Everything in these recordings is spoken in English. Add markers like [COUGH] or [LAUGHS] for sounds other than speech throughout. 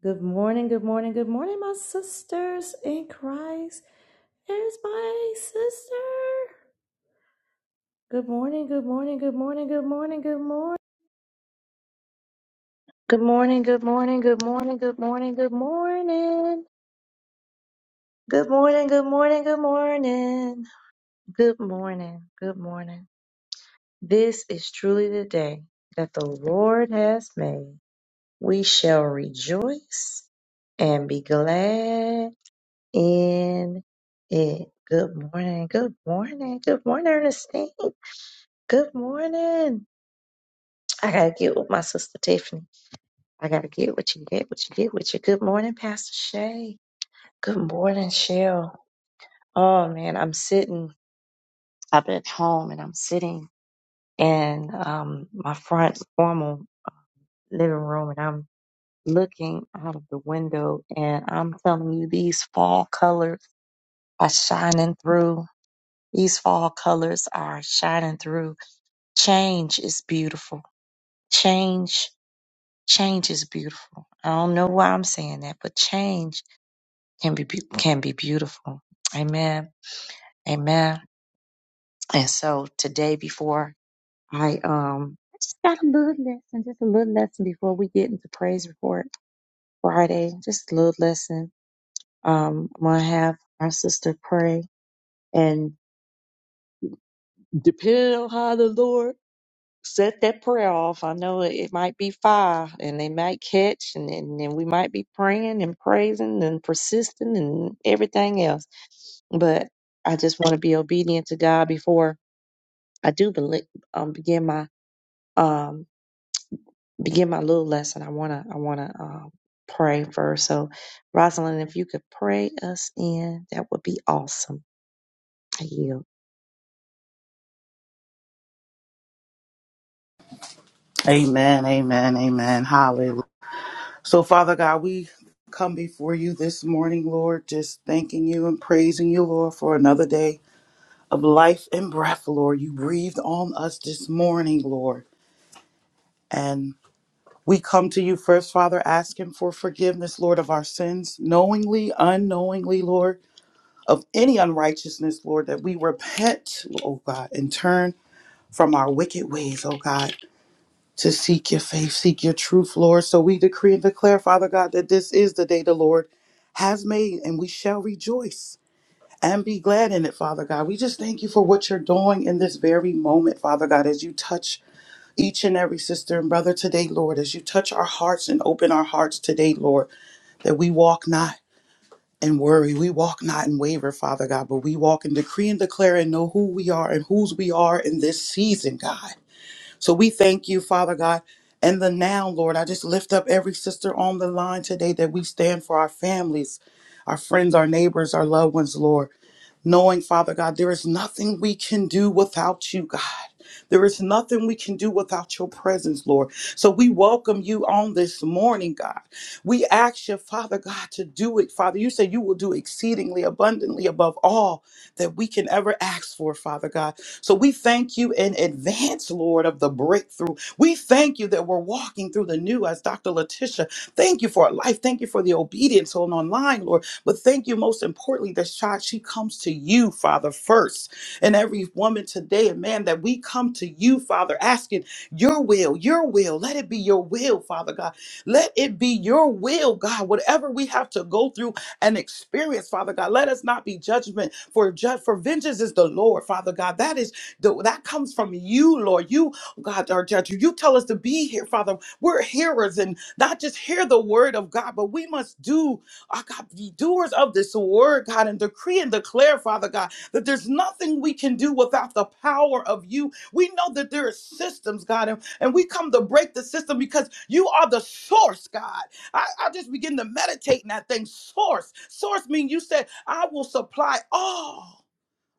Good morning, good morning, good morning, my sisters in Christ. There's my sister. Good morning, good morning, good morning, good morning, good morning. Good morning, good morning, good morning, good morning, good morning. Good morning, good morning, good morning. Good morning, good morning. This is truly the day that the Lord has made. We shall rejoice and be glad in it. Good morning. Good morning. Good morning, Ernestine. Good morning. I gotta get with my sister Tiffany. I gotta get what you get, what you get, what you. Good morning, Pastor Shay. Good morning, Cheryl. Oh man, I'm sitting. I've been at home and I'm sitting in um my front formal living room and I'm looking out of the window and I'm telling you these fall colors are shining through These fall colors are shining through. Change is beautiful. Change, change is beautiful. I don't know why I'm saying that, but change can be beau- can be beautiful. Amen. Amen. And so today, before I um, I just got a little lesson, just a little lesson before we get into praise report Friday. Just a little lesson. Um, I'm gonna have our sister pray, and depending on how the Lord set that prayer off. I know it, it might be fire and they might catch and, and, and we might be praying and praising and persisting and everything else. But I just want to be obedient to God before I do beli um, begin my um, begin my little lesson. I wanna I wanna um, pray first. So Rosalind, if you could pray us in, that would be awesome. I yield. Amen, amen, amen. Hallelujah. So, Father God, we come before you this morning, Lord, just thanking you and praising you, Lord, for another day of life and breath, Lord. You breathed on us this morning, Lord. And we come to you first, Father, asking for forgiveness, Lord, of our sins, knowingly, unknowingly, Lord, of any unrighteousness, Lord, that we repent, oh God, and turn from our wicked ways, oh God. to seek your faith, seek your truth, Lord. So we decree and declare, Father God, that this is the day the Lord has made and we shall rejoice and be glad in it, Father God. We just thank you for what you're doing in this very moment, Father God, as you touch each and every sister and brother today, Lord, as you touch our hearts and open our hearts today, Lord, that we walk not in worry, we walk not in waver, Father God, but we walk and decree and declare and know who we are and whose we are in this season, God. So we thank you, Father God. And the now, Lord, I just lift up every sister on the line today that we stand for our families, our friends, our neighbors, our loved ones, Lord knowing, Father God, there is nothing we can do without you, God. There is nothing we can do without your presence, Lord. So we welcome you on this morning, God. We ask you, Father God, to do it. Father, you say you will do exceedingly abundantly above all that we can ever ask for, Father God. So we thank you in advance, Lord, of the breakthrough. We thank you that we're walking through the new, as Dr. Letitia. Thank you for our life. Thank you for the obedience on online, Lord. But thank you most importantly that child, she comes to you, Father, first. And every woman today and man, that we come to you, Father, asking your will, your will. Let it be your will, Father God. Let it be your will, God. Whatever we have to go through and experience, Father God, let us not be judgment for judge for vengeance is the Lord, Father God. That is the, that comes from you, Lord. You, oh God, our judge. You tell us to be here, Father. We're hearers and not just hear the word of God, but we must do I God, be doers of this word, God, and decree and declare, Father God, that there's nothing we can do without the power of you. We know that there are systems, God, and, and we come to break the system because you are the source, God. I, I just begin to meditate in that thing. Source. Source means you said, I will supply all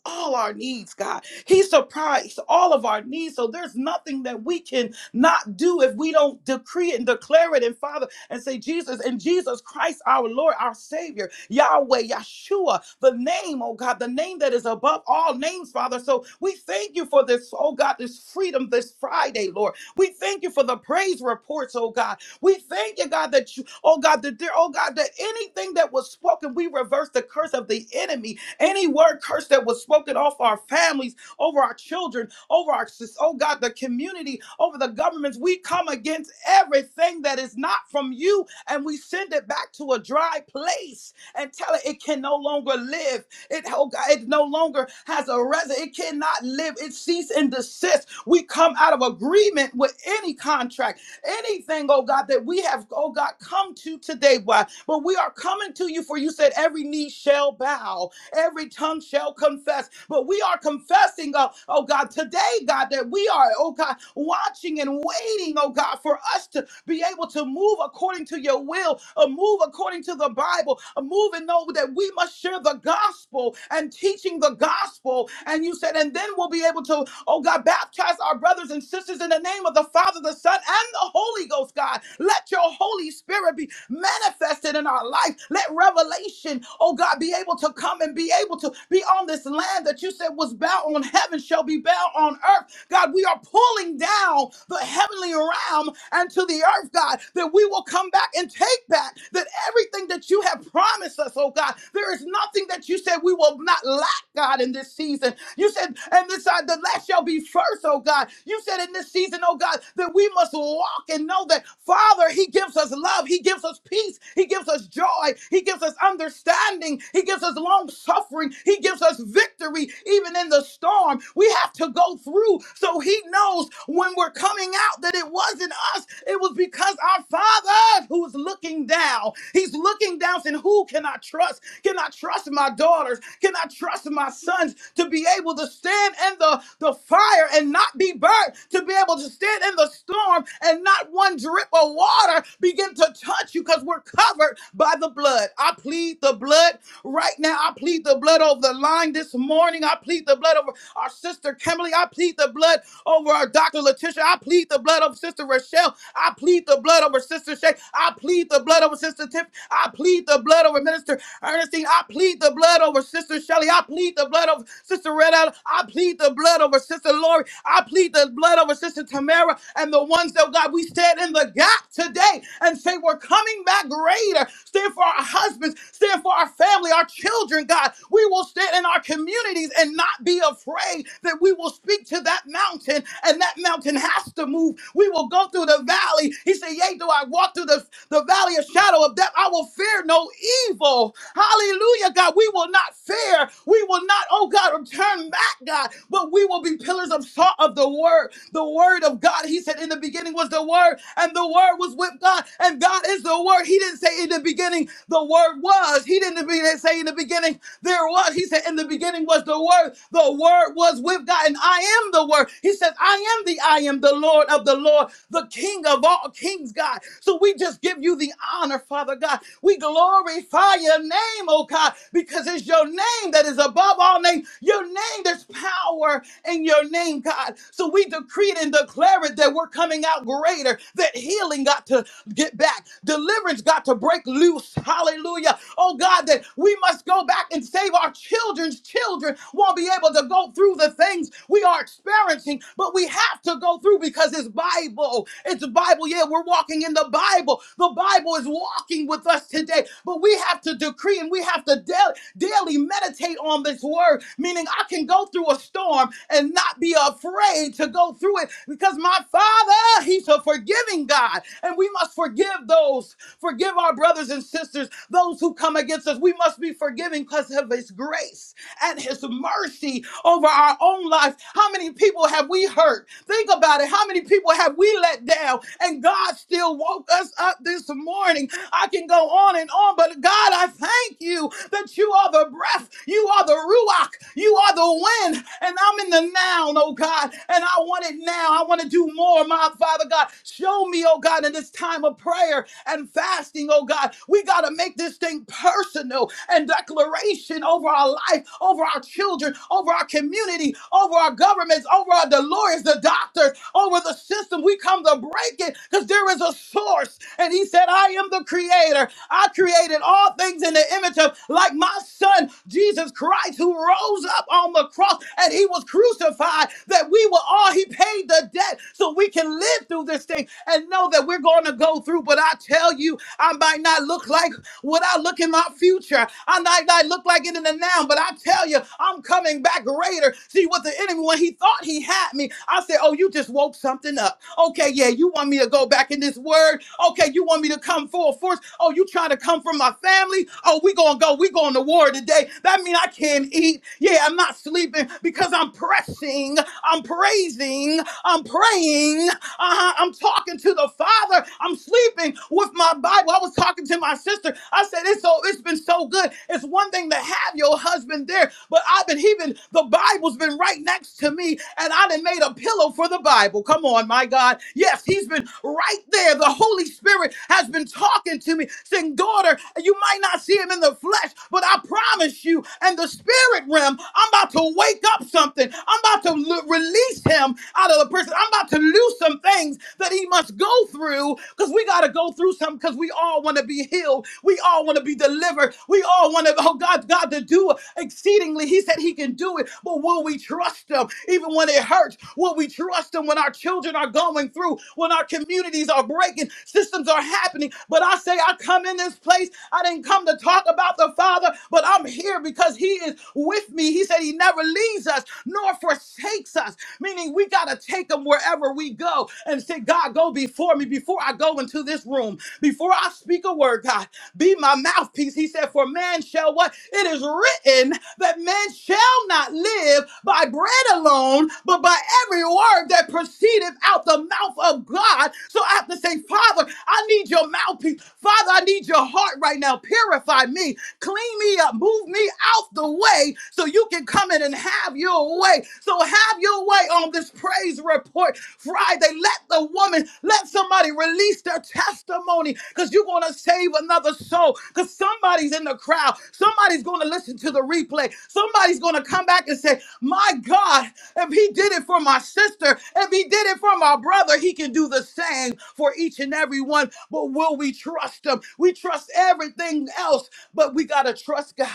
all our needs, God. He supplies all of our needs. So there's nothing that we can not do if we don't decree it and declare it and Father and say Jesus and Jesus Christ, our Lord, our Savior, Yahweh, Yeshua, the name, oh God, the name that is above all names, Father. So we thank you for this, oh God, this freedom this Friday, Lord. We thank you for the praise reports, oh God. We thank you, God, that you, oh God, that there, oh God, that anything that was spoken, we reverse the curse of the enemy any word curse that was spoken off our families, over our children, over our, sis- oh God, the community, over the governments, we come against everything that is not from you and we send it back to a dry place and tell it it can no longer live. It, oh God, it no longer has a res. It cannot live. It cease and desist. We come out of agreement with any contract anything, oh God, that we have, oh God, come to today, why? But we are coming to you, for you said every knee shall bow Every tongue shall confess. But we are confessing, uh, oh God, today, God, that we are, oh God, watching and waiting, oh God, for us to be able to move according to your will, a move according to the Bible, a move and know that we must share the gospel and teaching the gospel. And you said, and then we'll be able to, oh God, baptize our brothers and sisters in the name of the Father, the Son, and the Holy Ghost, God. Let your Holy Spirit be manifested in our life. Let revelation, oh God, be able to come and be and be able to be on this land that you said was bound on heaven shall be bound on earth. God, we are pulling down the heavenly realm and to the earth, God, that we will come back and take back that everything that you have promised us, oh God. There is nothing that you said we will not lack, God, in this season. You said, and this uh, the last shall be first, oh God. You said in this season, oh God, that we must walk and know that Father, He gives us love, He gives us peace, He gives us joy, He gives us understanding, He gives us long suffering. He gives us victory even in the storm. We have to go through so He knows when we're coming out that it wasn't us. It was because our Father who is looking down. He's looking down saying, Who can I trust? Can I trust my daughters? Can I trust my sons to be able to stand in the, the fire and not be burnt? To be able to stand in the storm and not one drip of water begin to touch you because we're covered by the blood. I plead the blood right now. I plead plead the blood over the line this morning. I plead the blood over our sister Kimberly. I plead the blood over our Dr. Letitia. I plead the blood over Sister Rochelle. I plead the blood over Sister Shay. I plead the blood over Sister Tiff. I plead the blood over Minister Ernestine. I plead the blood over Sister Shelley. I plead the blood over Sister Red Allen. I plead the blood over Sister Lori. I plead the blood over Sister Tamara and the ones that God we stand in the gap today and say we're coming back greater. Stand for our husbands. Stand for our family, our children. God. We will stand in our communities and not be afraid that we will speak to that mountain and that mountain has to move. We will go through the valley. He said, Yea, do I walk through the, the valley of shadow of death? I will fear no evil. Hallelujah, God. We will not fear. We will not, oh God, return back, God, but we will be pillars of salt of the word, the word of God. He said, In the beginning was the word, and the word was with God, and God is the word. He didn't say in the beginning the word was. He didn't be- say in the beginning there was, he said, in the beginning was the word. The word was with God, and I am the word. He says, I am the I am, the Lord of the Lord, the King of all kings, God. So we just give you the honor, Father God. We glorify your name, oh God, because it's your name that is above all names. Your name, there's power in your name, God. So we we decreed and declared that we're coming out greater, that healing got to get back, deliverance got to break loose. Hallelujah. Oh God, that we must go back and save our children's children won't be able to go through the things we are experiencing, but we have to go through because it's Bible. It's Bible. Yeah, we're walking in the Bible. The Bible. Bible is walking with us today. But we have to decree and we have to daily, daily meditate on this word, meaning I can go through a storm and not be afraid to go through it because my Father, He's a forgiving God. And we must forgive those, forgive our brothers and sisters, those who come against us. We must be forgiving because of His grace and his mercy over our own life. How many people have we hurt? Think about it. How many people have we let down? And God still woke us up this morning. I can go on and on, but God, I thank you that you are the breath, you are the ruach, you are the wind, and I'm in the now, oh God, and I want it now. I want to do more, my Father God. Show me, oh God, in this time of prayer and fasting, oh God. We got to make this thing personal and and declaration over our life, over our children, over our community, over our governments, over our, the lawyers, the doctors, over the system. We come to break it because there is a source. And he said, I am the creator. I created all things in the image of, like my son, Jesus Christ, who rose up on the cross and he was crucified that we were all, he paid the debt so we can live through this thing and know that we're going to go through. But I tell you, I might not look like what I look in my future. I might not look like it in the now, but I tell you, I'm coming back greater. See what the enemy, when he thought he had me, I said, Oh, you just woke something up. Okay, yeah, you want me to go back in this word? Okay, you want me to come full force? Oh, you trying to come from my family? Oh, we gonna go, we going to war today. That mean I can't eat. Yeah, I'm not sleeping because I'm pressing, I'm praising, I'm praying. Uh-huh. I'm talking to the Father. I'm sleeping with my Bible. I was talking to my sister. I said, it's so it's been so good. It's one thing to have your husband there, but I've been he been the Bible's been right next to me, and I done made a pillow for the Bible. Come on, my God. Yes, he's been right there. The Holy Spirit has been talking to me, saying, Daughter, you might not see him in the flesh, but I promise you, in the spirit realm, I'm about to to wake up something. I'm about to l- release him out of the prison. I'm about to lose some things that he must go through because we got to go through some because we all want to be healed. We all want to be delivered. We all want to, oh God, God to do exceedingly. He said he can do it, but will we trust him even when it hurts? Will we trust him when our children are going through, when our communities are breaking, systems are happening? But I say, I come in this place. I didn't come to talk about the Father, but I'm here because He is with me. He said He never leaves us nor forsakes us, meaning we got to take Him wherever we go and say, God, go before me, before I go into this room, before I speak a word, God, be my mouthpiece. He said, For man shall what? It is written that man shall not live by bread alone, but by every word that proceedeth out the mouth of oh God. So I have to say, Father, I need your mouthpiece. Father, I need your heart right now. Purify me, clean me up, move me out the way so you can come in and have your way. So have your way on this praise report Friday. Let the woman, let somebody release their testimony because you're going to save another soul because somebody's in the crowd. Somebody's going to listen to the replay. Somebody's going to come back and say, My God. If he did it for my sister, if he did it for my brother, he can do the same for each and every one. But will we trust him? We trust everything else, but we got to trust God.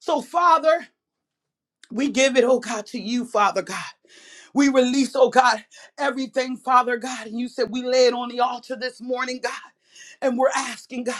So, Father, we give it, oh God, to you, Father God. We release, oh God, everything, Father God. And you said we lay it on the altar this morning, God. And we're asking, God,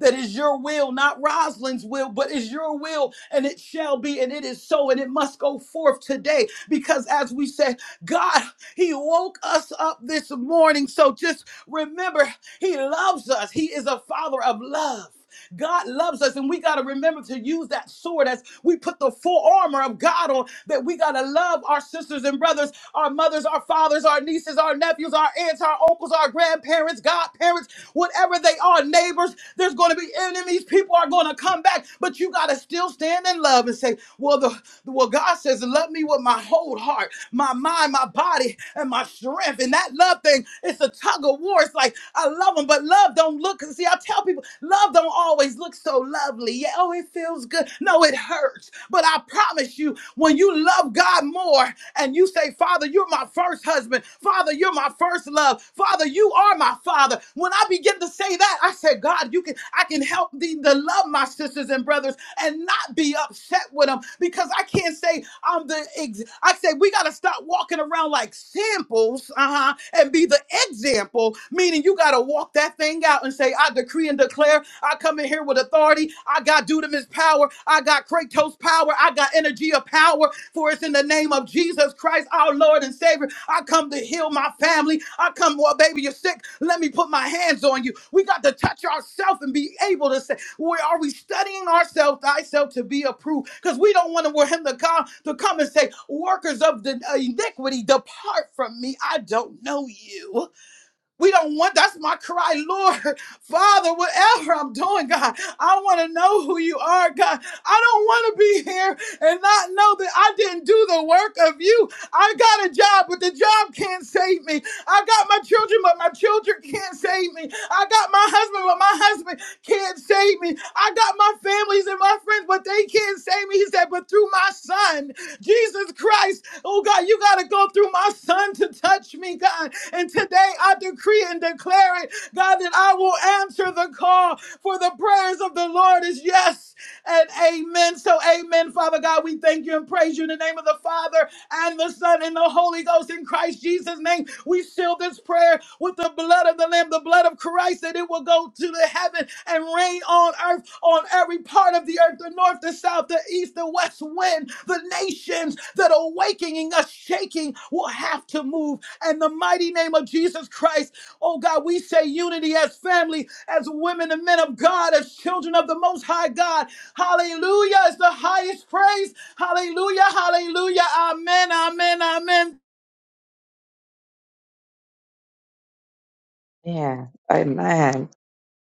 that is your will, not Rosalind's will, but is your will, and it shall be, and it is so, and it must go forth today. Because as we said, God, He woke us up this morning. So just remember, He loves us. He is a father of love. God loves us, and we got to remember to use that sword as we put the full armor of God on. That we got to love our sisters and brothers, our mothers, our fathers, our nieces, our nephews, our aunts, our uncles, our grandparents, godparents, whatever they are, neighbors. There's going to be enemies. People are going to come back, but you got to still stand in love and say, "Well, the well, God says, love me with my whole heart." my mind, my body, and my strength. And that love thing, it's a tug of war. It's like I love him, but love don't look. See, I tell people, love don't always look so lovely. Yeah, oh, it feels good. No, it hurts. But I promise you, when you love God more and you say, Father, you're my first husband. Father, you're my first love. Father, you are my father. When I begin to say that, I said, God, you can I can help thee to love my sisters and brothers and not be upset with." with them because I can't say I'm the ex- I say we got to stop walking around like samples, uh-huh, and be the example, meaning you got to walk that thing out and say, I decree and declare, I come in here with authority, I got dudamis power, I got Kratos power, I got energy of power, for it's in the name of Jesus Christ, our Lord and Savior. I come to heal my family. I come, well, baby, you're sick. Let me put my hands on you. We got to touch ourselves and be able to say, where are we studying ourselves, thyself, to be approved? Because we don't want to want him to come to come and say, "Workers of the iniquity, depart from me. I don't know you." We don't want, that's my cry, [LAUGHS] Lord, Father, whatever I'm doing, God, I want to know who you are, God. I don't want to be here and not know that I didn't do the work of you. I got a job, but the job can't save me. I got my children, but my children can't save me. I got my husband, but my husband can't save me. I got my families and my friends, but they can't save me. He said, but through my son, Jesus Christ. Oh God, you got to go through my son to touch me, God. And today I decree and declare it, God, that I will answer the call for the prayers of the Lord is yes and amen. So, amen, Father God. We thank you and praise you in the name of the Father and the Son and the Holy Ghost in Christ Jesus' name. We seal this prayer with the blood of the Lamb, the blood of Christ, that it will go to the heaven and rain on earth, on every part of the earth, the north, the south, the east, the west wind, the nations that are waking us, shaking, will have to move. And the mighty name of Jesus Christ, oh God, we say unity as family, as women and men of God, as children of the Most High God. Hallelujah is the highest praise Hallelujah, hallelujah, amen, amen, amen. Yeah. Amen.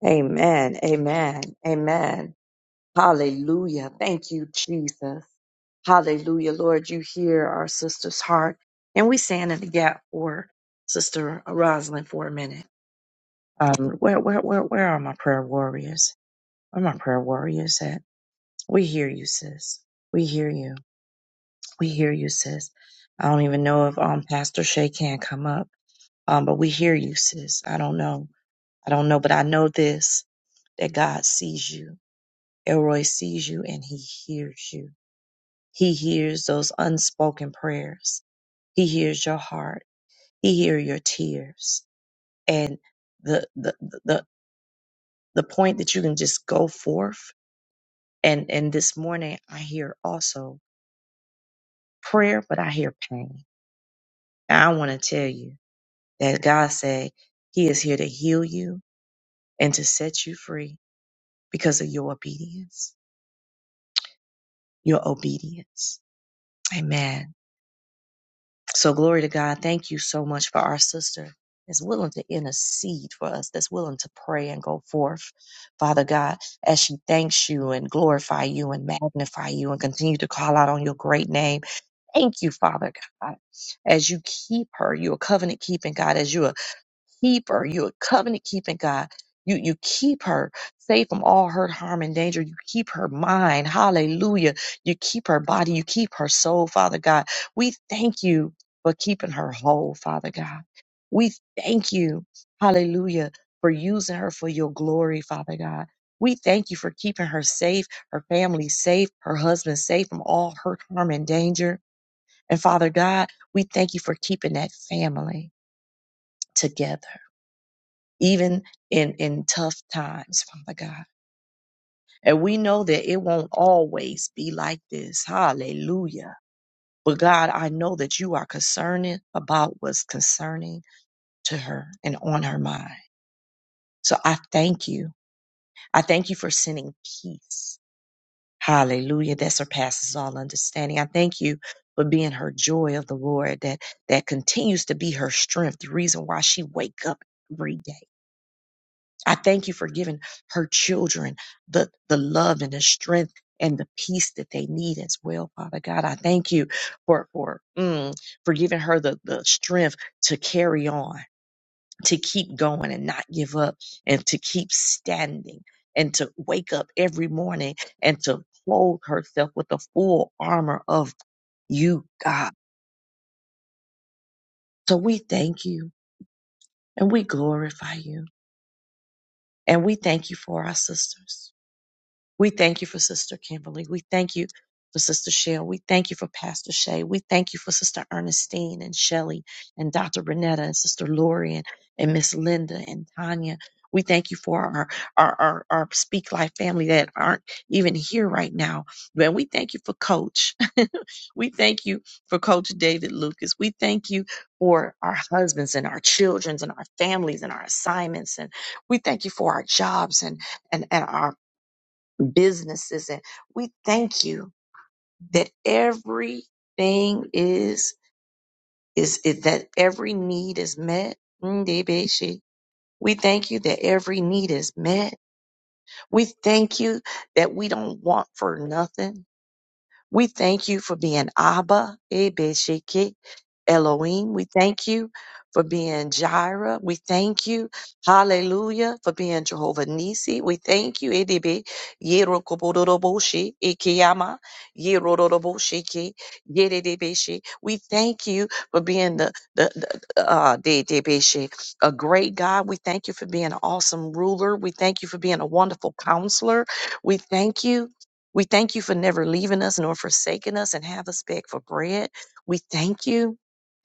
Amen. Amen. Amen. Hallelujah. Thank you, Jesus. Hallelujah. Lord, you hear our sister's heart. And we stand in the gap for Sister Rosalind for a minute. Um, where, where, where, where are my prayer warriors? Where are my prayer warriors at? We hear you, sis. We hear you. We hear you, sis. I don't even know if um, Pastor Shay can come up, um, but we hear you, sis. I don't know. I don't know, but I know this that God sees you. Elroy sees you and he hears you He hears those unspoken prayers. He hears your heart. He hears your tears. And the the the the point that you can just go forth and and this morning I hear also prayer, but I hear pain. And I want to tell you that God said He is here to heal you and to set you free because of your obedience. Your obedience. Amen. So glory to God. Thank you so much for our sister that's willing to intercede for us, that's willing to pray and go forth. Father God, as she thanks you and glorify you and magnify you and continue to call out on your great name. Thank you, Father God, as you keep her. You're covenant keeping God, as you keep her. You're a covenant keeping God. You, you keep her safe from all hurt, harm, and danger. You keep her mind. Hallelujah. You keep her body. You keep her soul, Father God. We thank you for keeping her whole, Father God. We thank you, hallelujah, for using her for your glory, Father God. We thank you for keeping her safe, her family safe, her husband safe from all hurt, harm, and danger. And Father God, we thank you for keeping that family together even in, in tough times, Father God. And we know that it won't always be like this. Hallelujah. But God, I know that you are concerning about what's concerning to her and on her mind. So I thank you. I thank you for sending peace. Hallelujah. That surpasses all understanding. I thank you for being her joy of the Lord that, that continues to be her strength, the reason why she wake up every day. I thank you for giving her children the, the love and the strength and the peace that they need as well, Father God. I thank you for for mm, for giving her the, the strength to carry on, to keep going and not give up, and to keep standing, and to wake up every morning and to clothe herself with the full armor of you, God. So we thank you and we glorify you and we thank you for our sisters. We thank you for Sister Kimberly. We thank you for Sister Shell. We thank you for Pastor Shay. We thank you for Sister Ernestine and Shelley and Dr. Renetta and Sister Lori and, and Miss Linda and Tanya. We thank you for our, our, our, our Speak Life family that aren't even here right now. Man, we thank you for Coach. [LAUGHS] we thank you for Coach David Lucas. We thank you for our husbands and our childrens and our families and our assignments. And we thank you for our jobs and, and, and our businesses. And we thank you that everything is, is, is that every need is met. Ndebeshi. We thank you that every need is met. We thank you that we don't want for nothing. We thank you for being Abba, Ebesheke, Elohim. We thank you for being Jireh. We thank you, hallelujah, for being Jehovah Nisi. We thank you, Edebe, Yerokobodoroboshi, Ikeyama, Yerodoroboshiki, Yeredebeshi. We thank you for being the, the, the uh, Dedebeshi, a great God. We thank you for being an awesome ruler. We thank you for being a wonderful counselor. We thank you we thank you for never leaving us nor forsaking us and have us beg for bread. We thank you.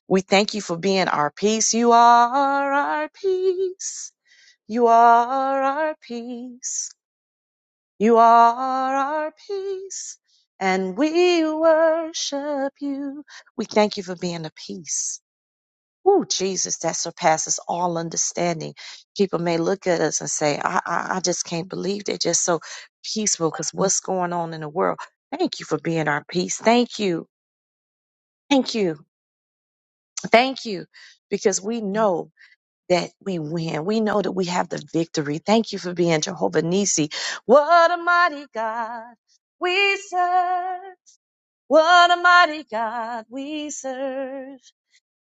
We thank you for being our peace. You are our peace. You are our peace. You are our peace. And we worship you. We thank you for being a peace. Ooh, Jesus, that surpasses all understanding. People may look at us and say, I, I, I just can't believe they're just so peaceful because what's going on in the world? Thank you for being our peace. Thank you. Thank you. Thank you. Because we know that we win. We know that we have the victory. Thank you for being Jehovah Nissi. What a mighty God we serve. What a mighty God we serve.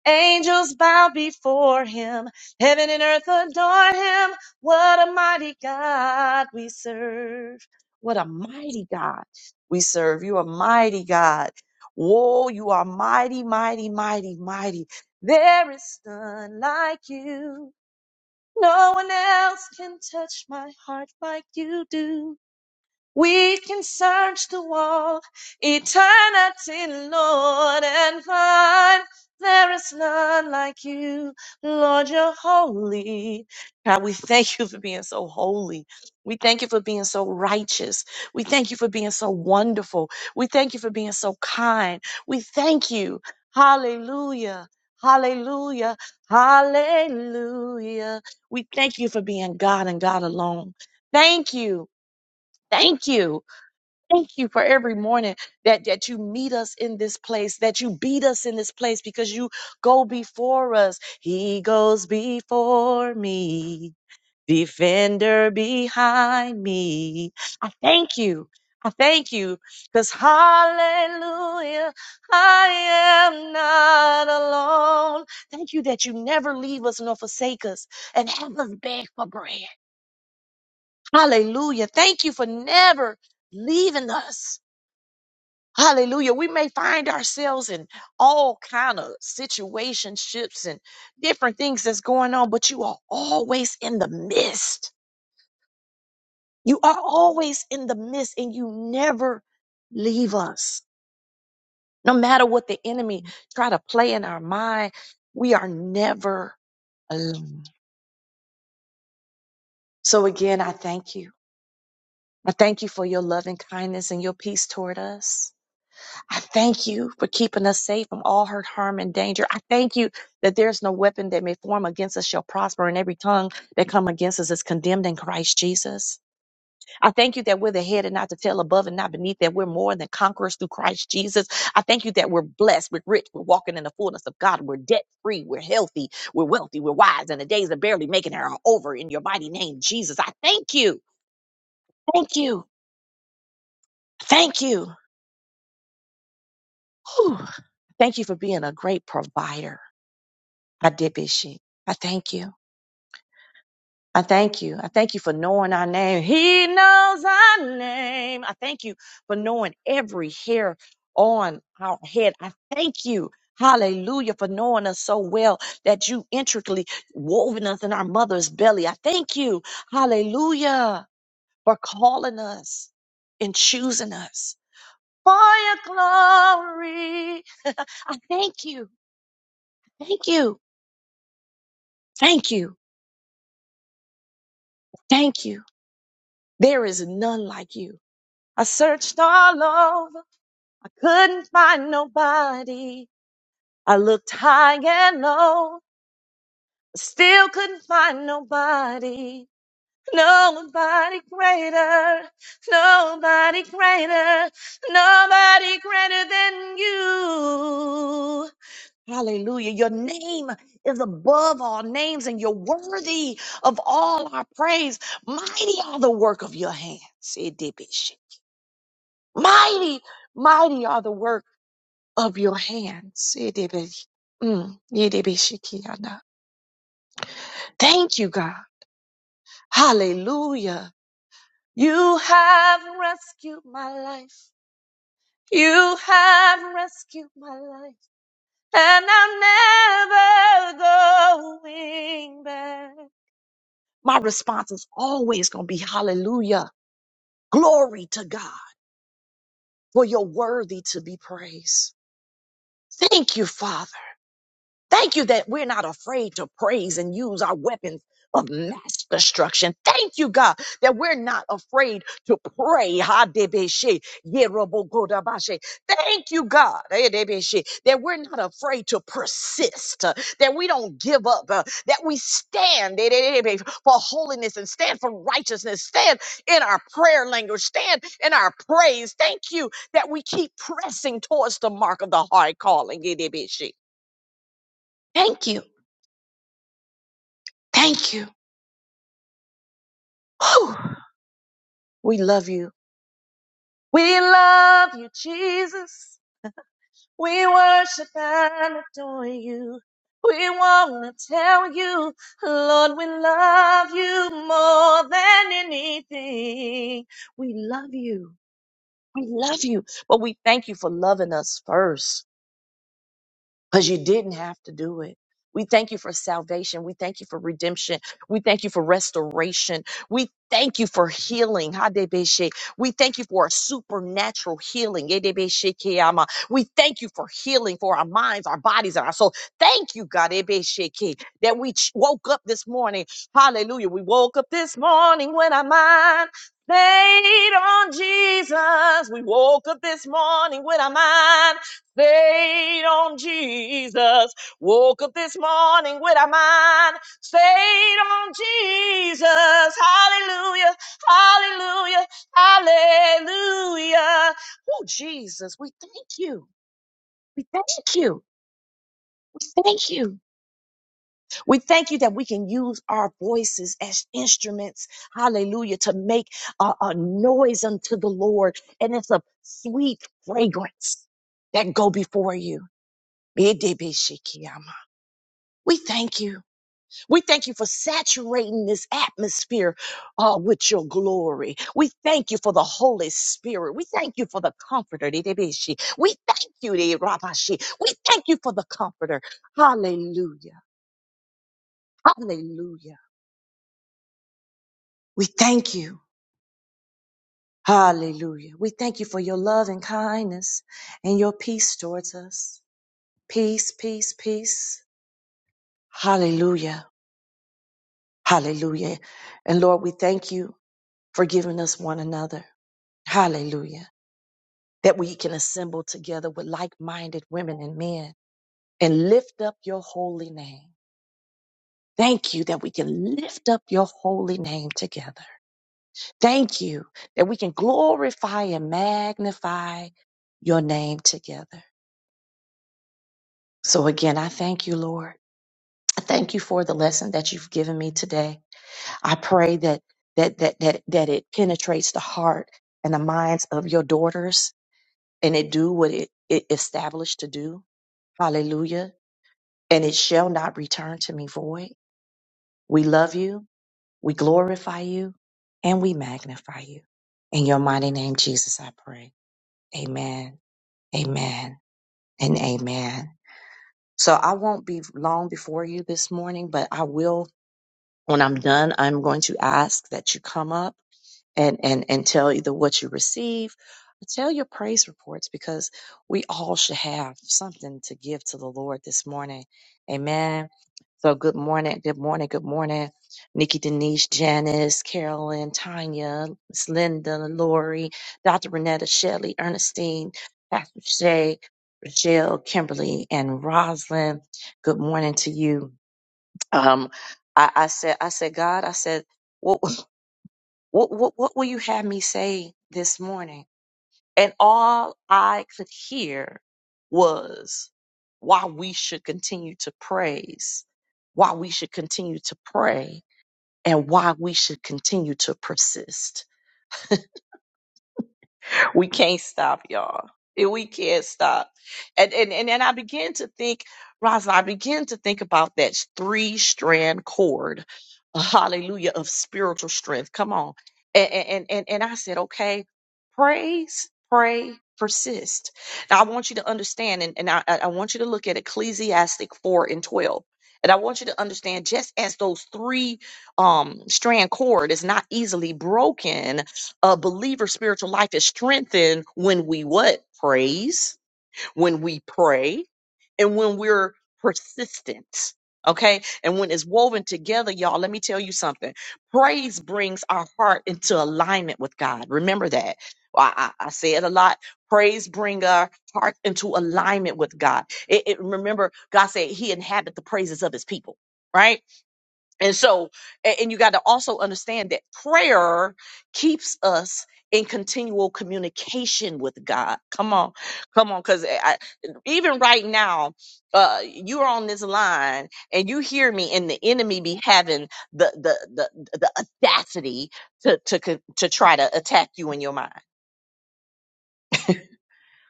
Angels bow before him. Heaven and earth adore him. What a mighty God we serve. What a mighty God we serve. You are mighty God. Whoa, you are mighty, mighty, mighty, mighty. There is none like you. No one else can touch my heart like you do. We can search the wall, eternity, Lord, and find there is none like you, Lord, you're holy. God, we thank you for being so holy. We thank you for being so righteous. We thank you for being so wonderful. We thank you for being so kind. We thank you. Hallelujah. Hallelujah. Hallelujah. We thank you for being God and God alone. Thank you. Thank you. Thank you for every morning that, that you meet us in this place, that you beat us in this place because you go before us. He goes before me, defender behind me. I thank you. I thank you because hallelujah, I am not alone. Thank you that you never leave us nor forsake us and have us beg for bread. Hallelujah. Thank you for never leaving us Hallelujah. We may find ourselves in all kind of situationships and different things that's going on, but you are always in the midst. You are always in the midst and you never leave us. No matter what the enemy try to play in our mind, we are never alone. So again, I thank you. I thank you for your loving kindness and your peace toward us. I thank you for keeping us safe from all hurt, harm, and danger. I thank you that there's no weapon that may form against us shall prosper, and every tongue that come against us is condemned in Christ Jesus. I thank you that we're the head and not the tail, above and not beneath, that we're more than conquerors through Christ Jesus. I thank you that we're blessed, we're rich, we're walking in the fullness of God, we're debt free, we're healthy, we're wealthy, we're wise, and the days of barely making it are over in your mighty name, Jesus. I thank you. Thank you. Thank you. Whew. Thank you for being a great provider. I did big shit. I thank you. I thank you. I thank you for knowing our name. He knows our name. I thank you for knowing every hair on our head. I thank you. Hallelujah for knowing us so well that you intricately woven us in our mother's belly. I thank you. Hallelujah for calling us and choosing us for your glory. [LAUGHS] I thank you. Thank you. Thank you. Thank you. There is none like you. I searched all over. I couldn't find nobody. I looked high and low. I Still couldn't find nobody. Nobody greater. Nobody greater. Nobody greater than you. Hallelujah. Your name is above all names and you're worthy of all our praise. Mighty are the work of your hands. Mighty, mighty are the work of your hands. Yiddibish- mm, yiddibishikiana. Thank you, God. Hallelujah. You have rescued my life. You have rescued my life. And I'm never going back. My response is always going to be hallelujah. Glory to God, for you're worthy to be praised. Thank you, Father. Thank you that we're not afraid to praise and use our weapons of mass destruction. Thank you, God, that we're not afraid to pray. ha de be Thank you, God, eh de that we're not afraid to persist, uh, that we don't give up, uh, that we stand eh de de de for holiness and stand for righteousness, stand in our prayer language, stand in our praise. Thank you that we keep pressing towards the mark of the high calling. eh de Thank you. Thank you. Whew. We love you. We love you, Jesus. We worship and adore you. We want to tell you, Lord, we love you more than anything. We love you. We love you. But we thank you for loving us first. because you didn't have to do it. We thank you for salvation. We thank you for redemption. We thank you for restoration. We thank you for healing. Hadebeshe. We thank you for a supernatural healing. Edebeshe keyama. We thank you for healing for our minds, our bodies, and our soul. Thank you, God, Ebeshe ke, that we ch- woke up this morning. Hallelujah. We woke up this morning when our mind stayed on Jesus. We woke up this morning with our mind Stayed on Jesus. Woke up this morning with our mind. Stayed on Jesus. Hallelujah. Hallelujah. Hallelujah. Oh, Jesus, we thank you. We thank you. We thank you. We thank you that we can use our voices as instruments. Hallelujah. To make a, a noise unto the Lord. And it's a sweet fragrance that go before you. We thank you. We thank you for saturating this atmosphere uh, with your glory. We thank you for the Holy Spirit. We thank you for the Comforter. Didibishi. We thank you, Dirabashi. We thank you for the Comforter. Hallelujah. Hallelujah. We thank you. Hallelujah. We thank you for your love and kindness and your peace towards us. Peace, peace, peace. Hallelujah. Hallelujah. And Lord, we thank you for giving us one another. Hallelujah. That we can assemble together with like minded women and men and lift up your holy name. Thank you that we can lift up your holy name together. Thank you that we can glorify and magnify your name together. So again, I thank you, Lord. I thank you for the lesson that you've given me today. I pray that that that that, that it penetrates the heart and the minds of your daughters and it do what it, it established to do. Hallelujah. And it shall not return to me void. We love you. We glorify you and we magnify you. In your mighty name, Jesus, I pray. Amen. Amen and amen. So I won't be long before you this morning, but I will, when I'm done, I'm going to ask that you come up and and and tell either what you receive or tell your praise reports because we all should have something to give to the lord this morning amen so good morning good morning good morning nikki denise janice carolyn tanya Miss linda lori dr renetta shelley ernestine pastor shay Rochelle, Kimberly, and Roslyn, good morning to you. Um, I, I said, I said, God, I said, [LAUGHS] What, what, what will you have me say this morning? And all I could hear was why we should continue to praise, why we should continue to pray, and why we should continue to persist. we can't stop, y'all. And We can't stop. And and and, and I begin to think, Rosa, I begin to think about that three strand cord, hallelujah, of spiritual strength. Come on. And and and, and I said, okay, praise, pray, persist. Now I want you to understand, and, and I, I I want you to look at Ecclesiastic 4 and 12. And I want you to understand, just as those three um strand cord is not easily broken, a believer's spiritual life is strengthened when we what? Praise, when we pray, and when we're persistent. Okay. And when it's woven together, y'all, let me tell you something. Praise brings our heart into alignment with God. Remember that. I, I, I say it a lot. Praise bring our heart into alignment with God. It, it remember God said He inhabit the praises of His people, right? And so, a- and you got to also understand that prayer keeps us in continual communication with God. Come on, come on, because I, even right now, uh, you are on this line and you hear me, and the enemy be having the the the, the audacity to to co- to try to attack you in your mind.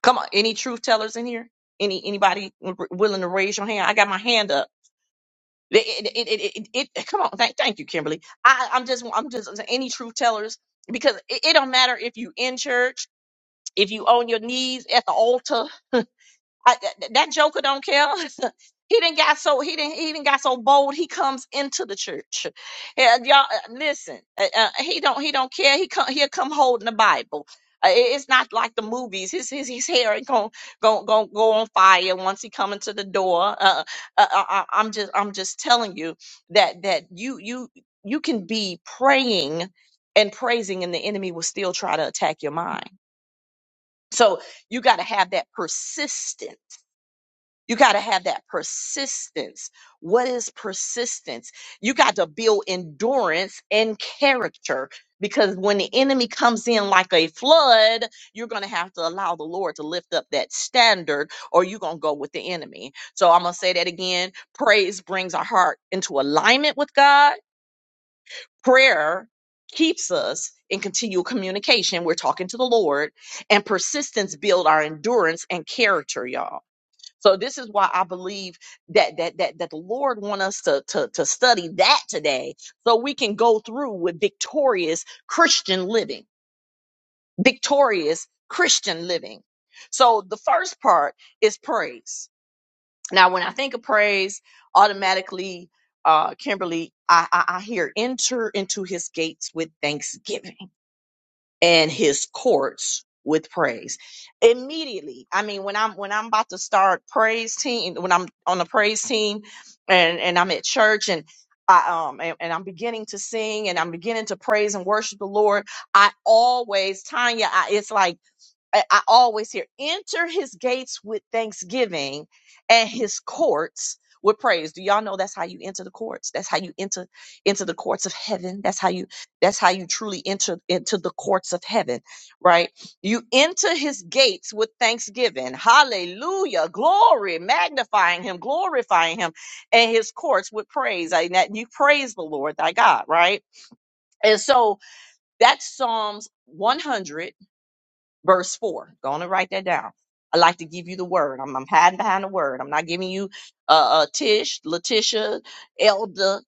Come on, any truth tellers in here? Any anybody willing to raise your hand? I got my hand up It, it, it, it, it, it- come on, thank, thank you, Kimberly. I, I'm just, I'm just any truth tellers because it, it don't matter if you in church, if you on your knees at the altar. I, that that Joker don't care. [LAUGHS] he didn't got so he didn't he didn't got so bold. He comes into the church. Yeah, y'all uh, listen. Uh, uh, he don't he don't care. He come he'll come holding the Bible. Uh, it- it's not like the movies. His his his hair going go go go on fire once he come into the door. Uh, uh, I, I- I'm just I'm just telling you that that you you you can be praying and praising, and the enemy will still try to attack your mind. So you got to have that persistence you got to have that persistence. What is persistence? You got to build endurance and character because when the enemy comes in like a flood, you're going to have to allow the Lord to lift up that standard or you're going to go with the enemy. So I'm going to say that again. Praise brings our heart into alignment with God. Prayer keeps us in continual communication. We're talking to the Lord and persistence build our endurance and character, y'all. So this is why I believe that that that that the Lord want us to to to study that today, so we can go through with victorious Christian living, victorious Christian living. So the first part is praise. Now, when I think of praise, automatically, uh, Kimberly, I, I I hear enter into His gates with thanksgiving and his courts with praise immediately i mean when i'm when i'm about to start praise team when i'm on the praise team and and i'm at church and I, um and, and i'm beginning to sing and i'm beginning to praise and worship the lord i always tanya I, it's like I, I always hear enter his gates with thanksgiving and his courts with praise. Do y'all know that's how you enter the courts? That's how you enter into the courts of heaven. That's how you that's how you truly enter into the courts of heaven, right? You enter his gates with thanksgiving. Hallelujah. Glory, magnifying him, glorifying him, and his courts with praise. And that you praise the Lord thy God, right? And so that's Psalms 100 verse 4. Go on and write that down. I like to give you the word. I'm, I'm hiding behind the word. I'm not giving you uh, uh Tish, Letitia, Elder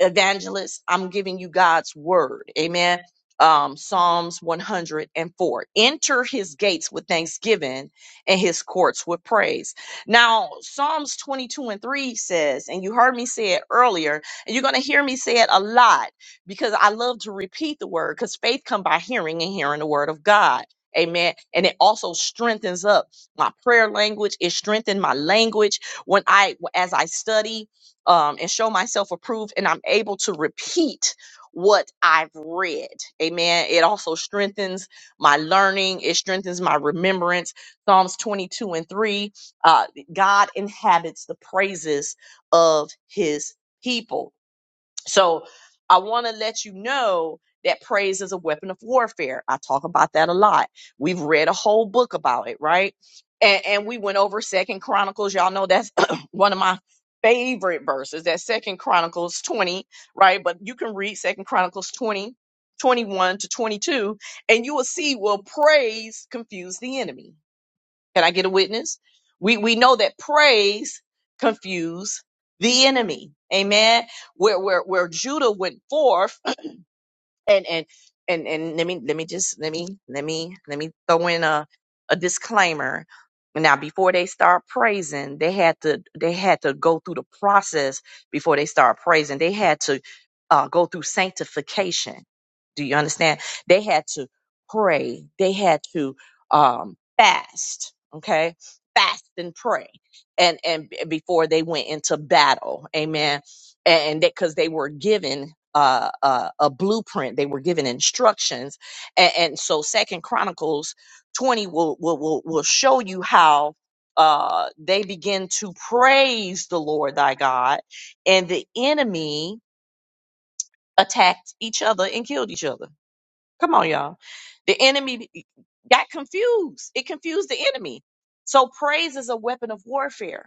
evangelist, I'm giving you God's word. Amen. Um, Psalms 104. Enter his gates with thanksgiving and his courts with praise. Now, Psalms 22 and 3 says, and you heard me say it earlier, and you're going to hear me say it a lot because I love to repeat the word because faith come by hearing and hearing the word of God. Amen. And it also strengthens up my prayer language. It strengthened my language when I, as I study um, and show myself approved, and I'm able to repeat what I've read. Amen. It also strengthens my learning, it strengthens my remembrance. Psalms 22 and 3 uh, God inhabits the praises of his people. So I want to let you know that praise is a weapon of warfare. I talk about that a lot. We've read a whole book about it, right? And, and we went over Second Chronicles. Y'all know that's [CLEARS THROAT] one of my favorite verses. That Second Chronicles 20, right? But you can read Second Chronicles 20, 21 to 22, and you will see will praise confuse the enemy? Can I get a witness? We we know that praise confused the enemy. Amen. Where where where Judah went forth and and and and let me let me just let me let me let me throw in a a disclaimer now before they start praising they had to they had to go through the process before they start praising they had to uh, go through sanctification do you understand they had to pray they had to um fast okay fast and pray and and b- before they went into battle amen and that because they were given uh, uh, a blueprint, they were given instructions, and, and so Second Chronicles twenty will will will, will show you how uh they begin to praise the lord thy god and the enemy attacked each other and killed each other come on y'all the enemy got confused it confused the enemy so praise is a weapon of warfare